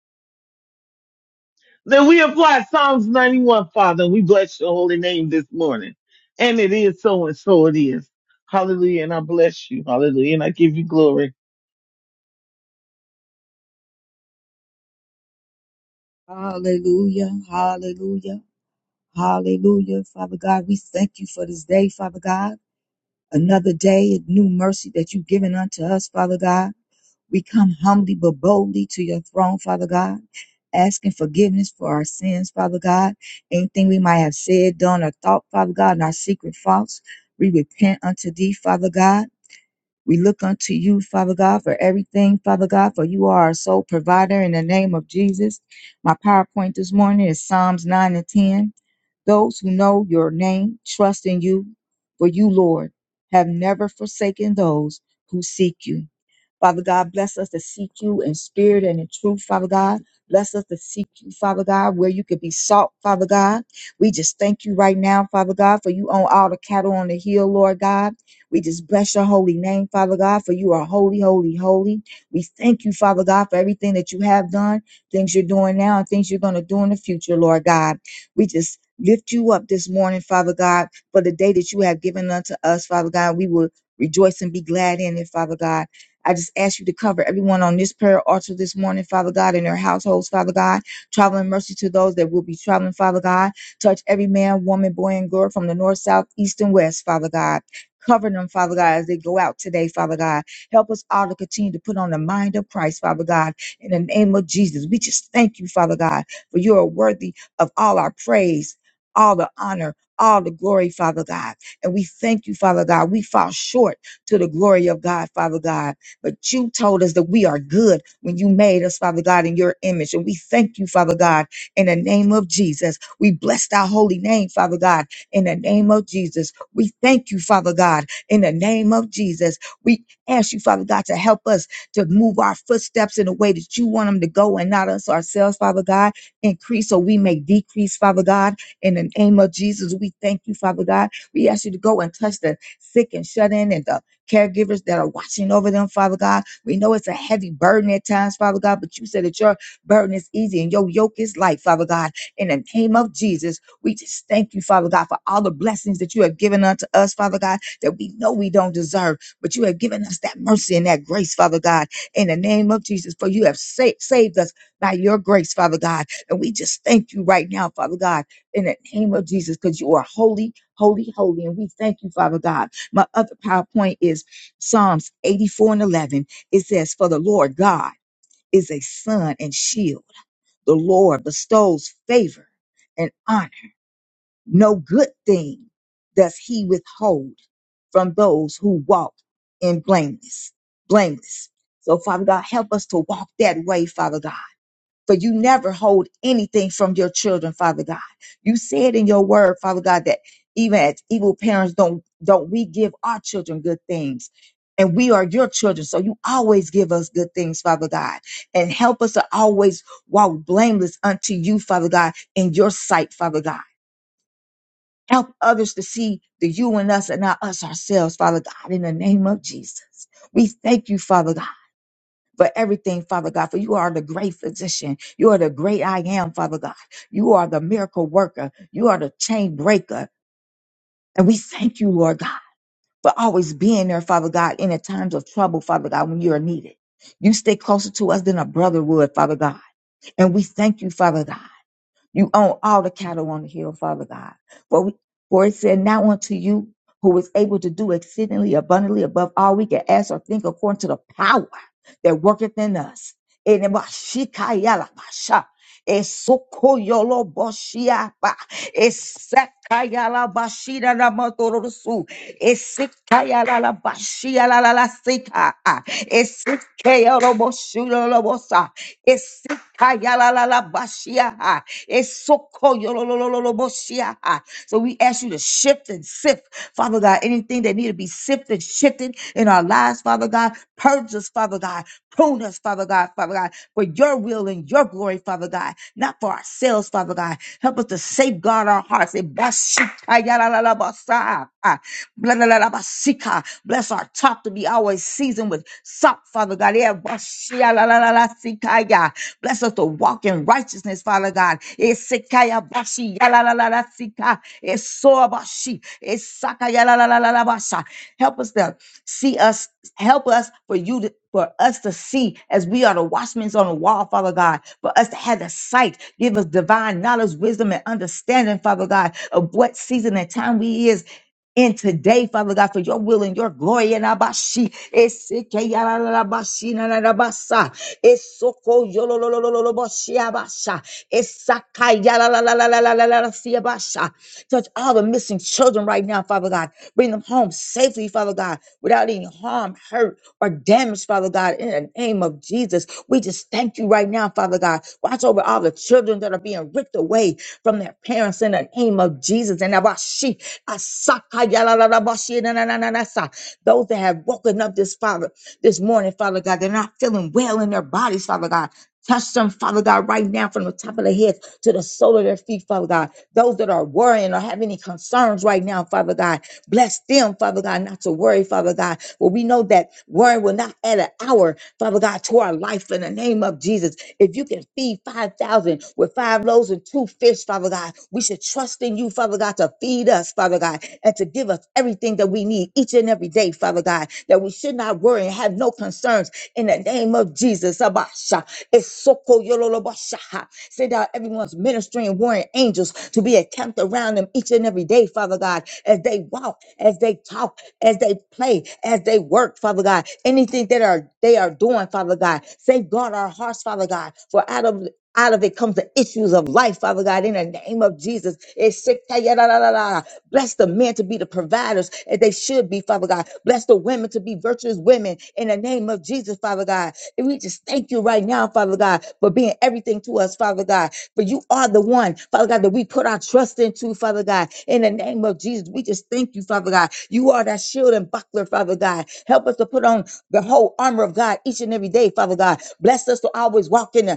C: Then we apply Psalms 91, Father, and we bless your holy name this morning. And it is so and so it is. Hallelujah. And I bless you. Hallelujah. And I give you glory.
D: Hallelujah, hallelujah, hallelujah. Father God, we thank you for this day, Father God. Another day of new mercy that you've given unto us, Father God. We come humbly but boldly to your throne, Father God, asking forgiveness for our sins, Father God. Anything we might have said, done, or thought, Father God, in our secret faults, we repent unto thee, Father God. We look unto you, Father God, for everything, Father God, for you are our sole provider in the name of Jesus. My PowerPoint this morning is Psalms 9 and 10. Those who know your name trust in you, for you, Lord, have never forsaken those who seek you. Father God, bless us to seek you in spirit and in truth, Father God. Bless us to seek you, Father God, where you could be sought, Father God. We just thank you right now, Father God, for you own all the cattle on the hill, Lord God. We just bless your holy name, Father God, for you are holy, holy, holy. We thank you, Father God, for everything that you have done, things you're doing now, and things you're going to do in the future, Lord God. We just lift you up this morning, Father God, for the day that you have given unto us, Father God. We will rejoice and be glad in it, Father God. I just ask you to cover everyone on this prayer altar this morning, Father God, in their households, Father God. Traveling mercy to those that will be traveling, Father God. Touch every man, woman, boy, and girl from the north, south, east, and west, Father God. Cover them, Father God, as they go out today, Father God. Help us all to continue to put on the mind of Christ, Father God. In the name of Jesus, we just thank you, Father God, for you are worthy of all our praise, all the honor, all the glory, Father God. And we thank you, Father God. We fall short to the glory of God, Father God. But you told us that we are good when you made us, Father God, in your image. And we thank you, Father God, in the name of Jesus. We bless thy holy name, Father God, in the name of Jesus. We thank you, Father God, in the name of Jesus. We ask you, Father God, to help us to move our footsteps in the way that you want them to go and not us ourselves, Father God. Increase so we may decrease, Father God. In the name of Jesus, we thank you, Father God. We ask you to go and touch the sick and shut in and the caregivers that are watching over them, Father God. We know it's a heavy burden at times, Father God, but you said that your burden is easy and your yoke is light, Father God. In the name of Jesus, we just thank you, Father God, for all the blessings that you have given unto us, Father God, that we know we don't deserve, but you have given us that mercy and that grace, Father God. In the name of Jesus, for you have sa- saved us by your grace, Father God. And we just thank you right now, Father God, in the name of Jesus, because you are holy, holy, holy. And we thank you, Father God. My other PowerPoint is Psalms 84 and 11. It says, For the Lord God is a sun and shield. The Lord bestows favor and honor. No good thing does he withhold from those who walk in blameless. Blameless. So, Father God, help us to walk that way, Father God for you never hold anything from your children, Father God. You said in your word, Father God, that even as evil parents don't don't we give our children good things. And we are your children. So you always give us good things, Father God. And help us to always walk blameless unto you, Father God, in your sight, Father God. Help others to see the you in us and not us ourselves, Father God, in the name of Jesus. We thank you, Father God for everything, Father God, for you are the great physician. You are the great I am, Father God. You are the miracle worker. You are the chain breaker. And we thank you, Lord God, for always being there, Father God, in the times of trouble, Father God, when you are needed. You stay closer to us than a brother would, Father God. And we thank you, Father God. You own all the cattle on the hill, Father God. For, we, for it said, Now unto you who is able to do exceedingly abundantly above all we can ask or think according to the power that worketh in us. In the Mashikayala Masha. Esokoyolo boshiapa. Esekayala bashira na motorosu. Esekayala la bashia la la la seka. Esekayolo boshiro lobosa. Esekayala la la bashia. Esokoyolo lo lo lo lo boshia. So we ask you to shift and sift, Father God, anything that things that need to be sifted, shifted in our lives, Father God. Purge us, Father God. Prune us, Father God, Father God, for your will and your glory, Father God, not for ourselves, Father God. Help us to safeguard our hearts. Eh, bashikayalalabasa, ah, blalalabasika. Bless our talk to be always seasoned with salt, Father God. Eh, bashialalasikaya. Bless us to walk in righteousness, Father God. Esekayabashi, yalalalalalasika, esoabashi, esakayalalalalabasha. Help us to see us, help us for you to for us to see as we are the watchmen on the wall, Father God, for us to have the sight, give us divine knowledge, wisdom, and understanding, Father God, of what season and time we is in today, Father God, for your will and your glory. And abashi, eseke yala la la bashi na nararabasa, esoko yolo lo lo lo lo yolololololoboshi abasha, esaka yala la la la la la la la la si abasha. Touch all the missing children right now, Father God. Bring them home safely, Father God, without any harm, hurt hurt or damaged, Father God, in the name of Jesus. We just thank you right now, Father God. Watch over all the children that are being ripped away from their parents in the name of Jesus. And Abashi, Asaka, Yalalabashi, na- na- na- na- na- sa. those that have woken up this Father this morning, Father God, they're not feeling well in their bodies, Father God. Touch them, Father God, right now from the top of their heads to the sole of their feet, Father God. Those that are worrying or have any concerns right now, Father God, bless them, Father God, not to worry, Father God. Well, we know that worry will not add an hour, Father God, to our life in the name of Jesus. If you can feed 5,000 with five loaves and two fish, Father God, we should trust in you, Father God, to feed us, Father God, and to give us everything that we need daily, each and every day, Father God, that we should not worry and have no concerns in the name of Jesus. Abasha, esoko yololobasha. Send out everyone's ministering warring angels to be encamped around them each and every day, Father God, as they walk, as they talk, as they play, as they work, Father God. Anything that are they are doing, Father God. Safeguard our hearts, Father God. For out of out of it comes the issues of life, Father God, in the name of Jesus. It's sick, ta- ya- la- la- la- la. Bless the men to be the providers as they should be, Father God. Bless the women to be virtuous women in the name of Jesus, Father God. And we just thank you right now, Father God, for being everything to us, Father God. For you are the one, Father God, that we put our trust into, Father God. In the name of Jesus, we just thank you, Father God. You are that shield and buckler, Father God. Help us to put on the whole armor of God each and every day, Father God. Bless us to always walk in the,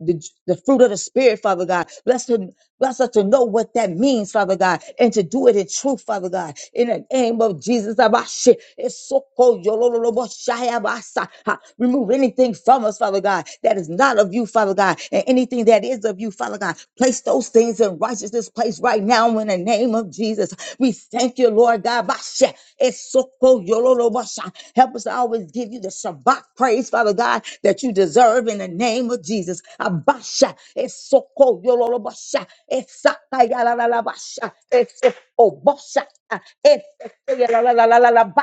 D: the, the fruit of the Spirit, Father God. Bless, to, bless us to know what that means, Father God, and to do it in truth, Father God. In the name of Jesus, Abashe, Esoko, Yololobo, Shaya, Basa. Ha. remove anything from us, Father God, that is not of you, Father God, and anything that is of you, Father God. Place those things in righteousness place right now in the name of Jesus. We thank you. Thank you, Lord God. Basha, esoko, yororo, basha. Help us to always give you the Shabbat praise, Father God, that you deserve in the name of Jesus. Abasha, esoko, yororo, basha, esaka, yarara, basha, esoko, basha, esoko, yarara,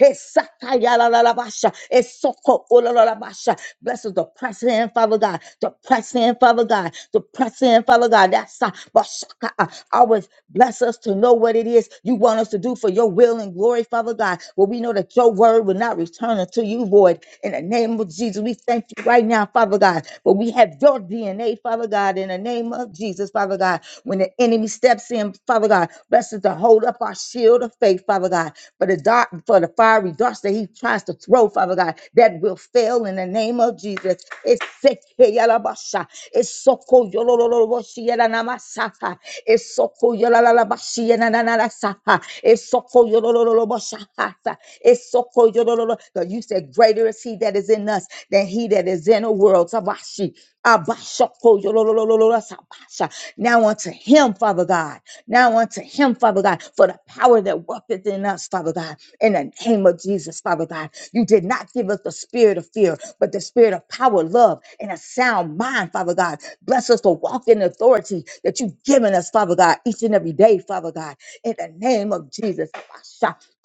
D: esaka, yarara, basha, esoko, ororo, basha. Bless us to press in, Father God, to press in, Father God, to press in, Father God. God. That's uh, but shaka, uh, always bless us to know what it is you want us to do for your will and glory, Father God. Well, we know that your word will not return unto you void. In the name of Jesus, we thank you right now, Father God. But we have your DNA, Father God, in the name of Jesus, Father God. When the enemy steps in, Father God, bless us to hold up our shield of faith, Father God. For the dark, for the fiery darts that he tries to throw, Father God, that will fail in the name of Jesus. Jesus. Eseke yalabasha. Esoko yolololoboshi yelanamasaka. Esoko yolalabashi yenananasaka. Esoko yolololoboshakata. Esoko yolololo. God, You said, Greater is he that is in us than he that is in the world. Tabashi. Abashakoyolololololosabasha. Now unto him, Father God. Now unto him, Father God, for the power that worketh in us, Father God. In the name of Jesus, Father God. You did not give us the spirit of fear, but the spirit of power, love, and a sound mind, Father God. Bless us to walk in authority that you've given us, Father God, each and every day, Father God. In the name of Jesus.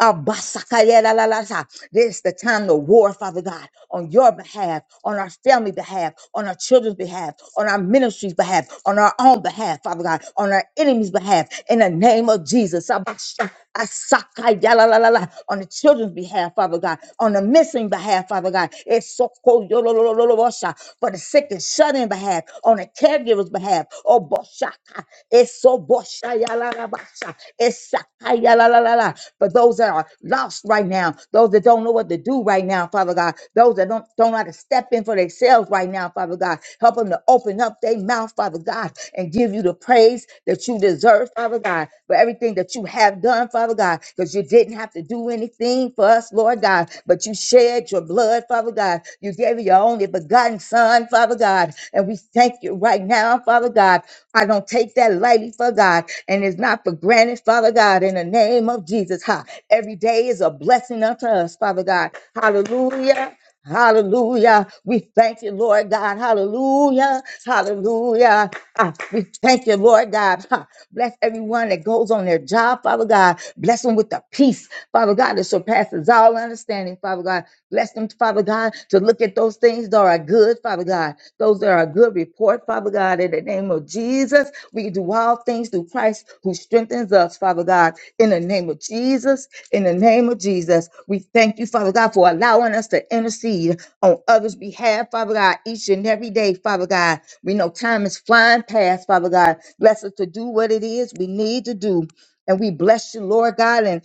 D: Abasakayalalasa. This is the time to war, Father God, on your behalf, on our family behalf, on our children's behalf, on our ministry's behalf, on our own behalf, Father God, on our enemies' behalf, in the name of Jesus. Abasha- Asakayalalala. On the children's behalf, Father God, on the missing behalf, Father God. It's so for the sick and shut in behalf, on the caregiver's behalf. Oh, boshaka, it's so boshayalabasha, it's sakayalalala. For those that are lost right now, those that don't know what to do right now, Father God, those that don't, don't know how to step in for themselves right now, Father God, help them to open up their mouth, Father God, and give you the praise that you deserve, Father God. For everything everything that you have done, Father God, because you didn't have to do anything for us, Lord God, but you shed your blood, Father God. You gave your only begotten Son, Father God, and we thank you right now, Father God. I don't take that lightly, Father God, and it's not for granted, Father God, in the name of Jesus. Ha. Every day is a blessing unto us, Father God. Hallelujah. Hallelujah. We thank you, Lord God. Hallelujah. Hallelujah. Ah, we thank you, Lord God. Ha. Bless everyone that goes on their job, Father God. Bless them with the peace, Father God, that surpasses all understanding, Father God. Bless them, Father God, to look at those things that are good, Father God. Those that are good report, Father. Father God, in the name of Jesus. We can do all things through Christ who strengthens us, Father God, in the name of Jesus. In the name of Jesus, we thank you, Father God, for allowing us to intercede on others' behalf, Father God, each and every day, Father God. We know time is flying past, Father God. Bless us to do what it is we need to do. And we bless you, Lord God. and.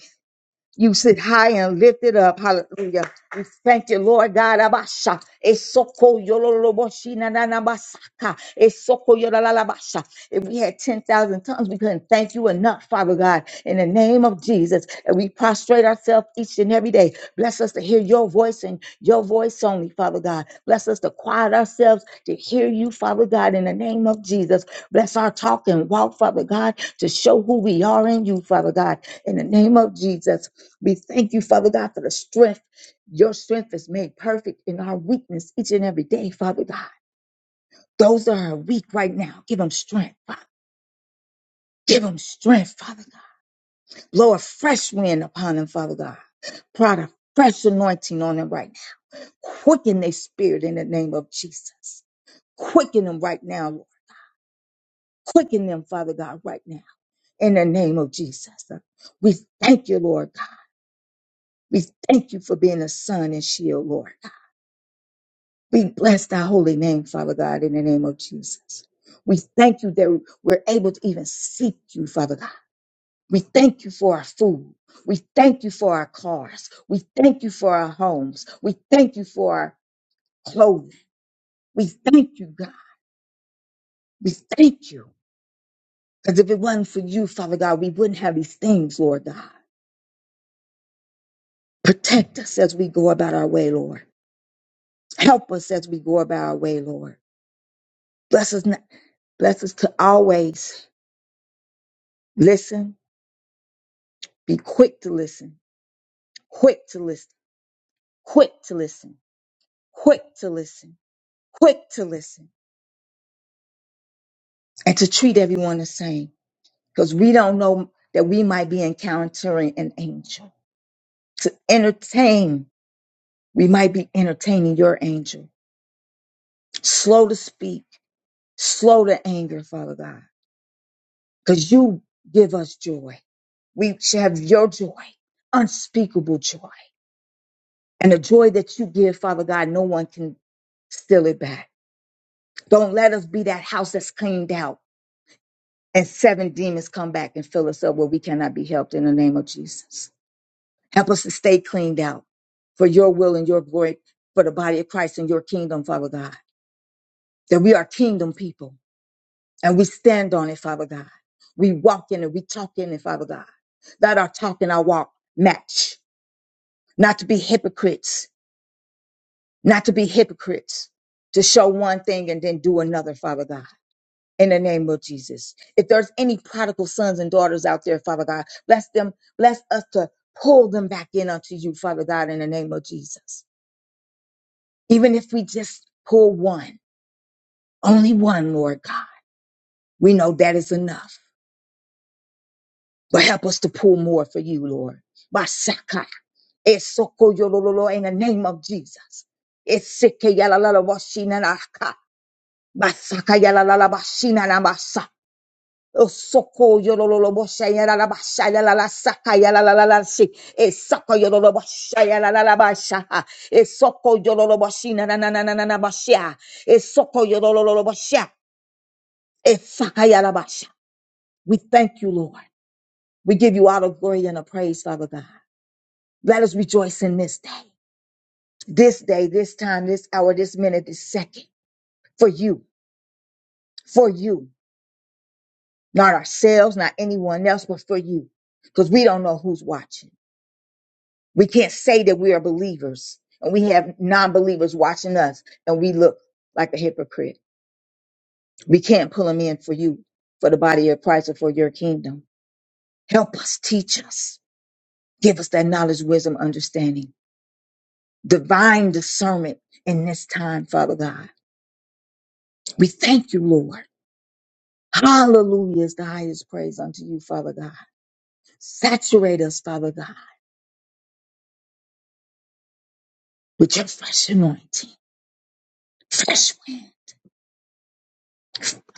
D: You sit high and lifted up. Hallelujah. We thank you, Lord God. Abasha. Esoko yololoboshi na na na basaka. Esoko yolalabasha. If we had 10,000 tongues, we couldn't thank you enough, Father God. In the name of Jesus, and we prostrate ourselves each and every day. Bless us to hear your voice and your voice only, Father God. Bless us to quiet ourselves to hear you, Father God, in the name of Jesus. Bless our talk and walk, Father God, to show who we are in you, Father God, in the name of Jesus. We thank you, Father God, for the strength. Your strength is made perfect in our weakness each and every day, Father God. Those that are weak right now, give them strength, Father. Give them strength, Father God. Blow a fresh wind upon them, Father God. Prod a fresh anointing on them right now. Quicken their spirit in the name of Jesus. Quicken them right now, Lord. Quicken them, Father God, right now in the name of Jesus. We thank you, Lord God. We thank you for being a son and shield, Lord. We bless thy holy name, Father God, in the name of Jesus. We thank you that we're able to even seek you, Father God. We thank you for our food. We thank you for our cars. We thank you for our homes. We thank you for our clothing. We thank you, God. We thank you. Because if it wasn't for you, Father God, we wouldn't have these things, Lord God. Protect us as we go about our way, Lord. Help us as we go about our way, Lord. Bless us, not, bless us to always listen Be quick to listen, quick to listen, quick to listen, quick to listen, quick to listen, and to treat everyone the same because we don't know that we might be encountering an angel. To entertain, we might be entertaining your angel. Slow to speak, slow to anger, Father God, because you give us joy. We should have your joy, unspeakable joy, and the joy that you give, Father God, no one can steal it back. Don't let us be that house that's cleaned out and seven demons come back and fill us up where we cannot be helped in the name of Jesus. Help us to stay cleaned out for your will and your glory for the body of Christ and your kingdom, Father God. That we are kingdom people and we stand on it, Father God. We walk in it, we talk in it, Father God. That our talk and our walk match. Not to be hypocrites, not to be hypocrites, to show one thing and then do another, Father God in the name of Jesus. If there's any prodigal sons and daughters out there, Father God, bless them, bless us to pull them back in unto you, Father God, in the name of Jesus. Even if we just pull one, only one, Lord God, we know that is enough. But help us to pull more for you, Lord. Basaka, esoko yolololo, in the name of Jesus. Eseke yalalala washinanaka, basaka yalalala bashinanamasa. Osoko yololo boshaya la la bashaya la la sakaya la la la la shi. Esoko yololo boshaya la la la bashaha. Esoko yololo boshina na na na na na na bashia. Esoko yololo boshia. Esakaya la basha. We thank you, Lord. We give you all the glory and the praise, Father God. Let us rejoice in this day, this day, this time, this hour, this minute, this second, for you, for you, not ourselves, not anyone else, but for you, because we don't know who's watching. We can't say that we are believers and we have non believers watching us and we look like a hypocrite. We can't pull them in for you, for the body of Christ, or for your kingdom. Help us, teach us, give us that knowledge, wisdom, understanding, divine discernment in this time, Father God. We thank you, Lord. Hallelujah is the highest praise unto you, Father God. Saturate us, Father God, with your fresh anointing, fresh wind,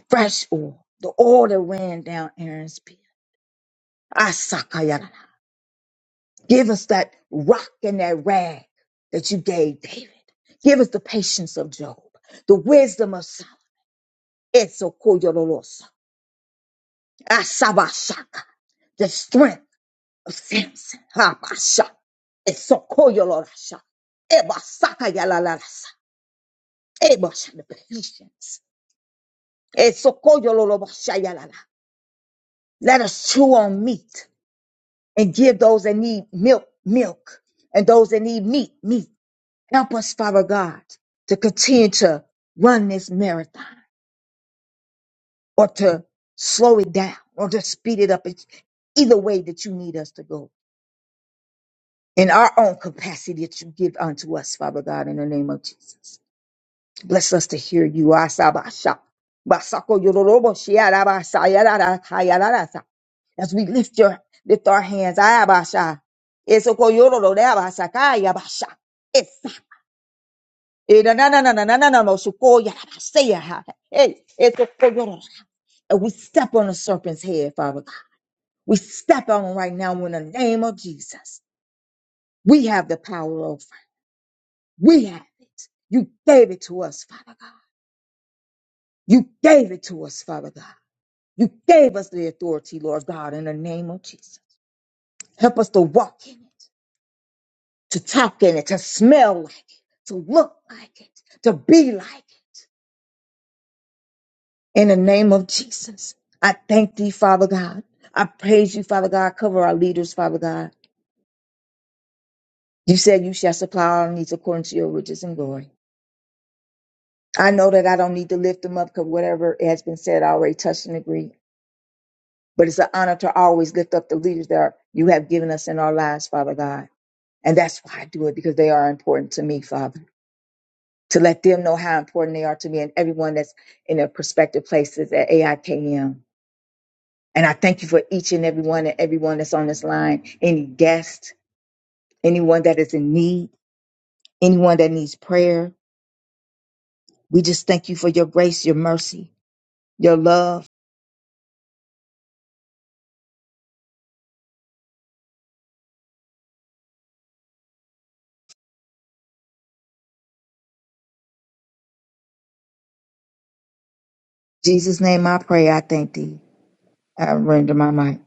D: fresh oil, the oil that ran down Aaron's beard. Asakayana. Give us that rock and that rag that you gave David. Give us the patience of Job, the wisdom of Solomon. Etsokoyololosa. Asabashaka. The strength of Samson. Habasha. Etsokoyolorasha. Ebasakayalalasa. Ebasha. The patience. Etsokoyololobashayalala. Let us chew on meat and give those that need milk, milk, and those that need meat, meat. Help us, Father God, to continue to run this marathon or to slow it down or to speed it up. It's either way that you need us to go in our own capacity that you give unto us, Father God, in the name of Jesus. Bless us to hear you. Asabasha. Basako yororobo shiarabasa yarara kayararasa. As we lift your lift our hands, ayabasha. Esoko yororo deabasa kayabasha. Eh, na- na- na- na- na- na- na- na- no, so go, yeah, I say, yeah, hey, it's a go, yeah, no. And we step on the serpent's head, Father God. We step on him right now in the name of Jesus. We have the power over. it. We have it. You gave it to us, Father God. You gave it to us, Father God. You gave us the authority, Lord God, in the name of Jesus. Help us to walk in it, to talk in it, to smell like it, to look like it, to be like it. In the name of Jesus, I thank thee, Father God. I praise you, Father God. Cover our leaders, Father God. You said you shall supply our needs according to your riches and glory. I know that I don't need to lift them up because whatever has been said, I already touched and agreed. But it's an honor to always lift up the leaders that are, you have given us in our lives, Father God. And that's why I do it because they are important to me, Father. To let them know how important they are to me and everyone that's in their prospective places at AIKM. And I thank you for each and every one and everyone that's on this line, any guest, anyone that is in need, anyone that needs prayer. We just thank you for your grace, your mercy, your love. In Jesus' name I pray, I thank thee. I render my mic.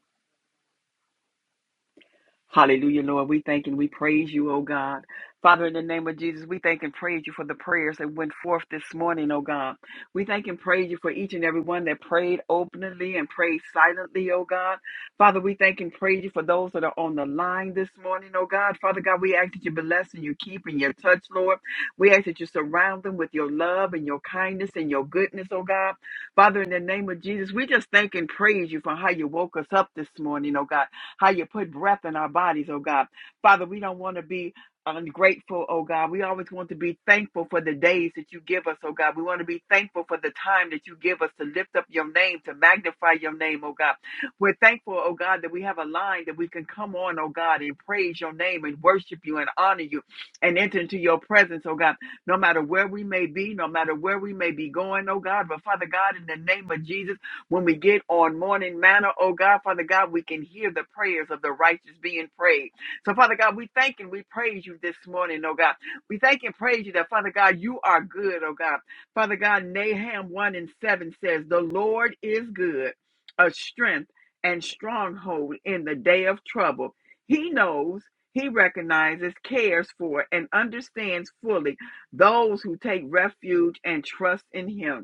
E: Hallelujah, Lord. We thank and we praise you, oh God. Father, in the name of Jesus, we thank and praise you for the prayers that went forth this morning, oh God. We thank and praise you for each and every one that prayed openly and prayed silently, oh God. Father, we thank and praise you for those that are on the line this morning, oh God. Father God, we ask that you bless and you keep and you touch, Lord. We ask that you surround them with your love and your kindness and your goodness, oh God. Father, in the name of Jesus, we just thank and praise you for how you woke us up this morning, oh God how you put breath in our bodies, oh God. Father, we don't want to be ungrateful, oh God. We always want to be thankful for the days that you give us, oh God. We want to be thankful for the time that you give us to lift up your name, to magnify your name, oh God. We're thankful, oh God, that we have a line that we can come on, oh God, and praise your name and worship you and honor you and enter into your presence, oh God, no matter where we may be, no matter where we may be going, oh God. But Father God, in the name of Jesus, when we get on morning manner, oh God, Father God, we can hear the prayers of the righteous being prayed. So, Father God, we thank and we praise you this morning, oh God. We thank and praise you that, Father God, you are good, oh God. Father God, Nahum 1 and 7 says, The Lord is good, a strength and stronghold in the day of trouble. He knows, he recognizes, cares for, and understands fully those who take refuge and trust in him.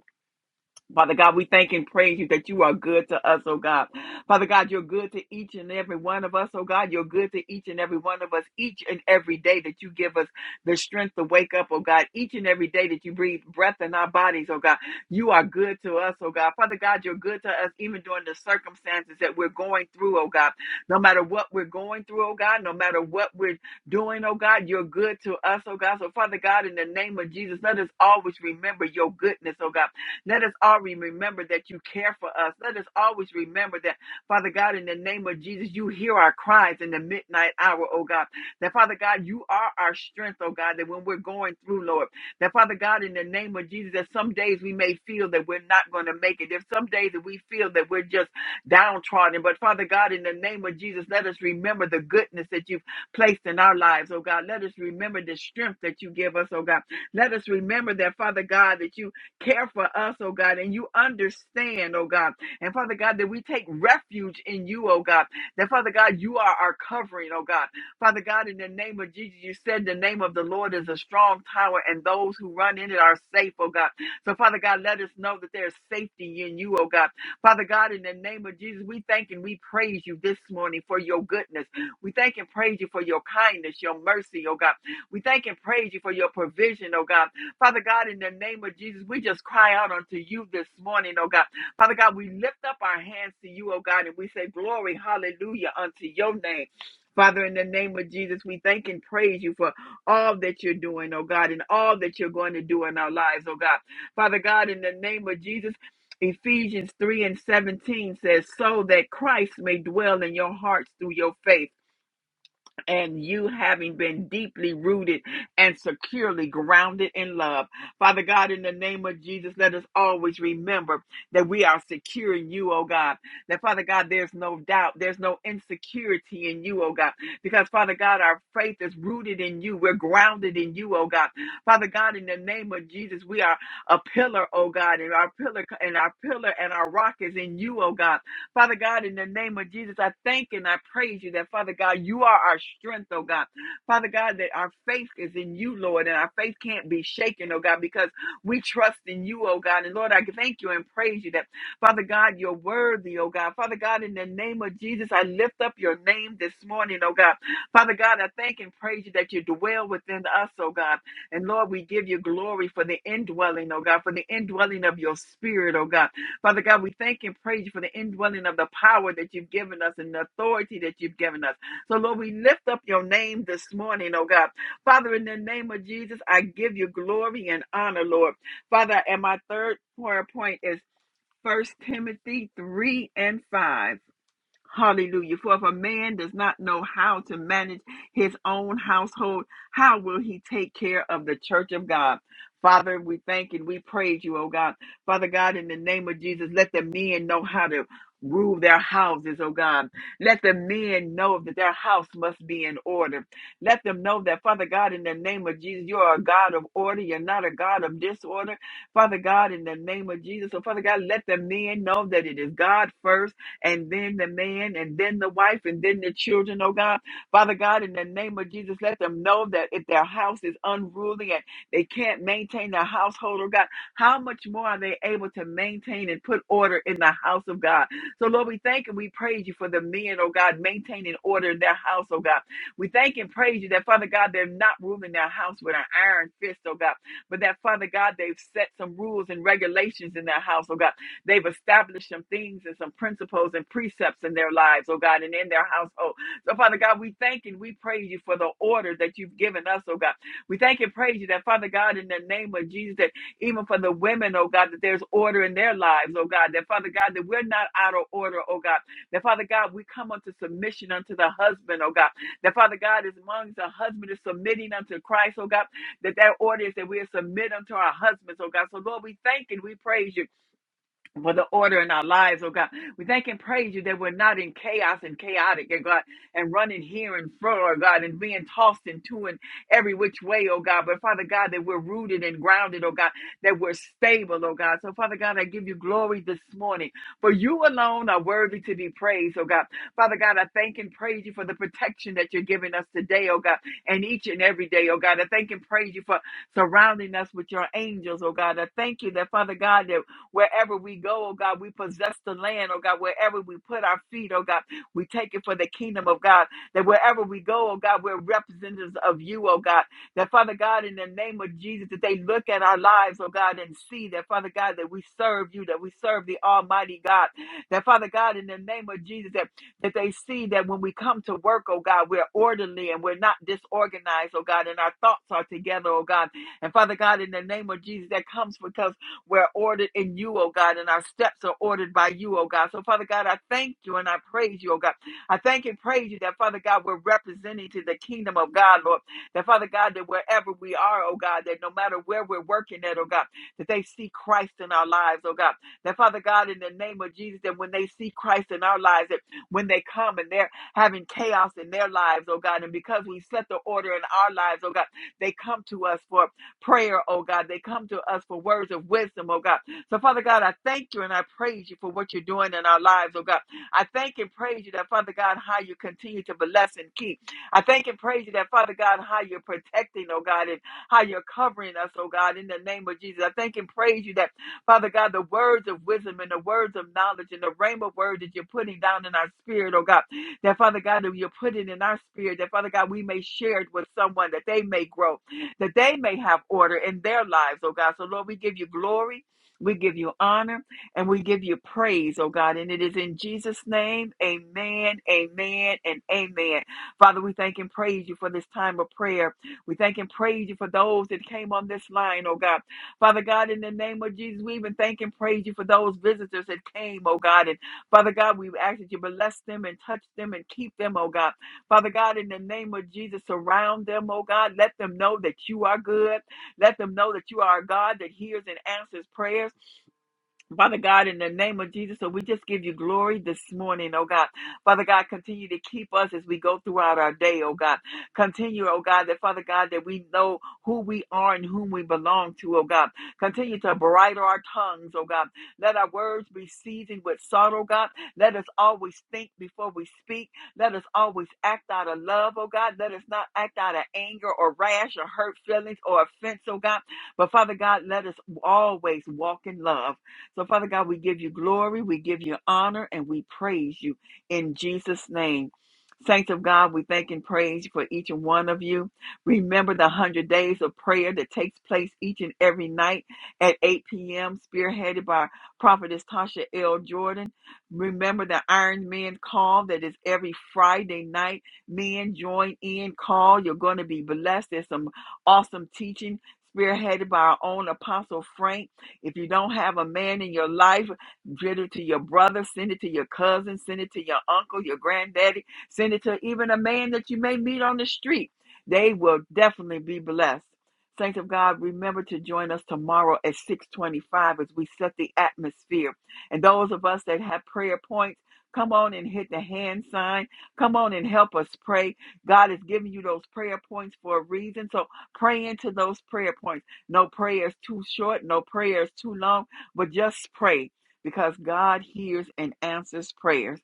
E: Father God, we thank and praise you that you are good to us, oh God. Father God, you're good to each and every one of us, oh God. You're good to each and every one of us each and every day that you give us the strength to wake up, oh God. Each and every day that you breathe breath in our bodies, oh God. You are good to us, oh God. Father God, you're good to us even during the circumstances that we're going through, oh God. No matter what we're going through, oh God, no matter what we're doing, oh God, you're good to us, oh God. So, Father God, in the name of Jesus, let us always remember your goodness, oh God. Let us always remember that you care for us. Let us always remember that, Father God, in the name of Jesus, you hear our cries in the midnight hour, oh God. That, Father God, you are our strength, oh God, that when we're going through, Lord, that, Father God, in the name of Jesus, that some days we may feel that we're not going to make it. There's some days that we feel that we're just downtrodden. But, Father God, in the name of Jesus, let us remember the goodness that you've placed in our lives, oh God. Let us remember the strength that you give us, oh God. Let us remember that, Father God, that you care for us, oh God, and you understand, oh God. And Father God, that we take refuge in you, oh God. That Father God, you are our covering, oh God. Father God, in the name of Jesus, you said the name of the Lord is a strong tower, and those who run in it are safe, oh God. So Father God, let us know that there's safety in you, oh God. Father God, in the name of Jesus, we thank and we praise you this morning for your goodness. We thank and praise you for your kindness, your mercy, oh God. We thank and praise you for your provision, oh God. Father God, in the name of Jesus, we just cry out unto you this morning, oh God. Father God, we lift up our hands to you, oh God, and we say, Glory, hallelujah, unto your name. Father, in the name of Jesus, we thank and praise you for all that you're doing, oh God, and all that you're going to do in our lives, oh God. Father God, in the name of Jesus, Ephesians 3 and 17 says, So that Christ may dwell in your hearts through your faith and you having been deeply rooted and securely grounded in love. Father God, in the name of Jesus, let us always remember that we are secure in you, oh God. That Father God, there's no doubt, there's no insecurity in you, oh God, because Father God, our faith is rooted in you. We're grounded in you, oh God. Father God, in the name of Jesus, we are a pillar, oh God, and our pillar and our pillar and our rock is in you, oh God. Father God, in the name of Jesus, I thank and I praise you that, Father God, you are our strength, oh God. Father God, that our faith is in you, Lord, and our faith can't be shaken, oh God, because we trust in you, oh God. And Lord, I thank you and praise you that, Father God, you're worthy, oh God. Father God, in the name of Jesus, I lift up your name this morning, oh God. Father God, I thank and praise you that you dwell within us, oh God. And Lord, we give you glory for the indwelling, oh God, for the indwelling of your spirit, oh God. Father God, we thank and praise you for the indwelling of the power that you've given us and the authority that you've given us. So, Lord, we lift up your name this morning, oh God. Father, in the name of Jesus, I give you glory and honor, Lord. Father, and my third prayer point is First Timothy 3 and 5. Hallelujah. For if a man does not know how to manage his own household, how will he take care of the church of God? Father, we thank and we praise you, oh God. Father God, in the name of Jesus, let the men know how to rule their houses, oh God. Let the men know that their house must be in order. Let them know that, Father God, in the name of Jesus, you are a God of order. You're not a God of disorder. Father God, in the name of Jesus, so Father God, let the men know that it is God first and then the man, and then the wife, and then the children, oh God. Father God, in the name of Jesus, let them know that if their house is unruly and they can't maintain their household, oh God, how much more are they able to maintain and put order in the house of God? So, Lord, we thank and we praise you for the men, oh God, maintaining order in their house, oh God. We thank and praise you that, Father God, they're not ruling their house with an iron fist, oh God, but that, Father God, they've set some rules and regulations in their house, oh God. They've established some things and some principles and precepts in their lives, oh God, and in their household. So, Father God, we thank and we praise you for the order that you've given us, oh God. We thank and praise you that, Father God, in the name of Jesus, that even for the women, oh God, that there's order in their lives, oh God, that, Father God, that we're not out of order, oh God, that, Father God, we come unto submission unto the husband, oh God, that, Father God, as long as the husband is submitting unto Christ, oh God, that that order is that we submit unto our husbands, oh God. So, Lord, we thank and we praise you for the order in our lives, oh God. We thank and praise you that we're not in chaos and chaotic, oh God, and running here and fro, oh God, and being tossed into and every which way, oh God. But Father God, that we're rooted and grounded, oh God, that we're stable, oh God. So Father God, I give you glory this morning, for you alone are worthy to be praised, oh God. Father God, I thank and praise you for the protection that you're giving us today, oh God, and each and every day, oh God. I thank and praise you for surrounding us with your angels, oh God. I thank you that, Father God, that Wherever we go, oh God, we possess the land, oh God, wherever we put our feet, oh God, we take it for the kingdom of God. That wherever we go, oh God, we're representatives of you, oh God. That Father God, in the name of Jesus, that they look at our lives, oh God, and see that Father God, that we serve you, that we serve the Almighty God. That Father God, in the name of Jesus, that that they see that when we come to work, oh God, we're orderly and we're not disorganized, oh God, and our thoughts are together, oh God. And Father God, in the name of Jesus, that comes because. We're ordered in you, oh God, and our steps are ordered by you, oh God. So, Father God, I thank you and I praise you, oh God. I thank and praise you that, Father God, we're representing to the kingdom of God, Lord. That, Father God, that wherever we are, oh God, that no matter where we're working at, oh God, that they see Christ in our lives, oh God. That, Father God, in the name of Jesus, that when they see Christ in our lives, that when they come and they're having chaos in their lives, oh God, and because we set the order in our lives, oh God, they come to us for prayer, oh God. They come to us for words of wisdom, oh God. So, Father God, I thank you and I praise you for what you're doing in our lives, oh God. I thank and praise you that, Father God, how you continue to bless and keep. I thank and praise you that, Father God, how you're protecting, oh God, and how you're covering us, oh God, in the name of Jesus. I thank and praise you that, Father God, the words of wisdom and the words of knowledge and the rhema word that you're putting down in our spirit, oh God, that, Father God, that you're putting in our spirit, that, Father God, we may share it with someone, that they may grow, that they may have order in their lives, oh God. So, Lord, we give you glory, we give you honor, and we give you praise, oh God. And it is in Jesus' name, amen, amen, and amen. Father, we thank and praise you for this time of prayer. We thank and praise you for those that came on this line, oh God. Father God, in the name of Jesus, we even thank and praise you for those visitors that came, oh God. And Father God, we ask that you bless them and touch them and keep them, oh God. Father God, in the name of Jesus, surround them, oh God. Let them know that you are good. Let them know that you are a God that hears and answers prayers. Father God, in the name of Jesus, so we just give you glory this morning, oh God. Father God, continue to keep us as we go throughout our day, oh God. Continue, oh God, that Father God, that we know who we are and whom we belong to, oh God. Continue to bridle our tongues, oh God. Let our words be seasoned with salt, oh God. Let us always think before we speak. Let us always act out of love, oh God. Let us not act out of anger or rash or hurt feelings or offense, oh God. But Father God, let us always walk in love. So, Father God, we give you glory, we give you honor, and we praise you in Jesus' name. Saints of God, we thank and praise you for each and one of you. Remember the 100 days of prayer that takes place each and every night at 8 p.m., spearheaded by Prophetess Tasha L. Jordan. Remember the Iron Men call that is every Friday night. Men join in, call. You're going to be blessed. There's some awesome teaching spearheaded by our own Apostle Frank. If you don't have a man in your life, get it to your brother, send it to your cousin, send it to your uncle, your granddaddy, send it to even a man that you may meet on the street. They will definitely be blessed. Saints of God, remember to join us tomorrow at 625 as we set the atmosphere. And those of us that have prayer points, come on and hit the hand sign. Come on and help us pray. God is giving you those prayer points for a reason. So pray into those prayer points. No prayer is too short, no prayer is too long, but just pray because God hears and answers prayers.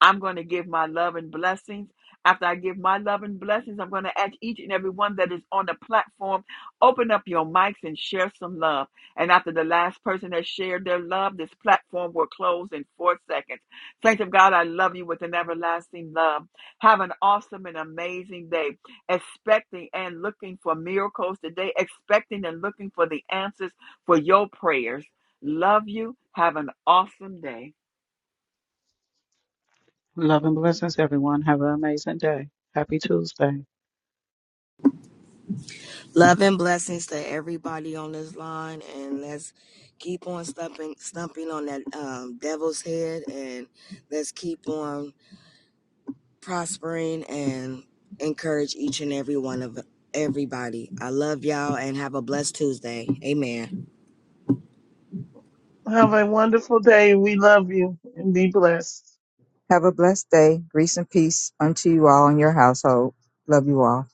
E: I'm going to give my love and blessings. After I give my love and blessings, I'm going to ask each and every one that is on the platform, open up your mics and share some love. And after the last person has shared their love, this platform will close in four seconds. Saints of God, I love you with an everlasting love. Have an awesome and amazing day expecting and looking for miracles today, expecting and looking for the answers for your prayers. Love you. Have an awesome day.
A: Love and blessings, everyone. Have an amazing day. Happy Tuesday.
B: Love and blessings to everybody on this line. And let's keep on stumping, stumping on that um, devil's head. And let's keep on prospering and encourage each and every one of everybody. I love y'all and have a blessed Tuesday. Amen.
C: Have a wonderful day. We love you and be blessed.
D: Have a blessed day. Grace and peace unto you all and your household. Love you all.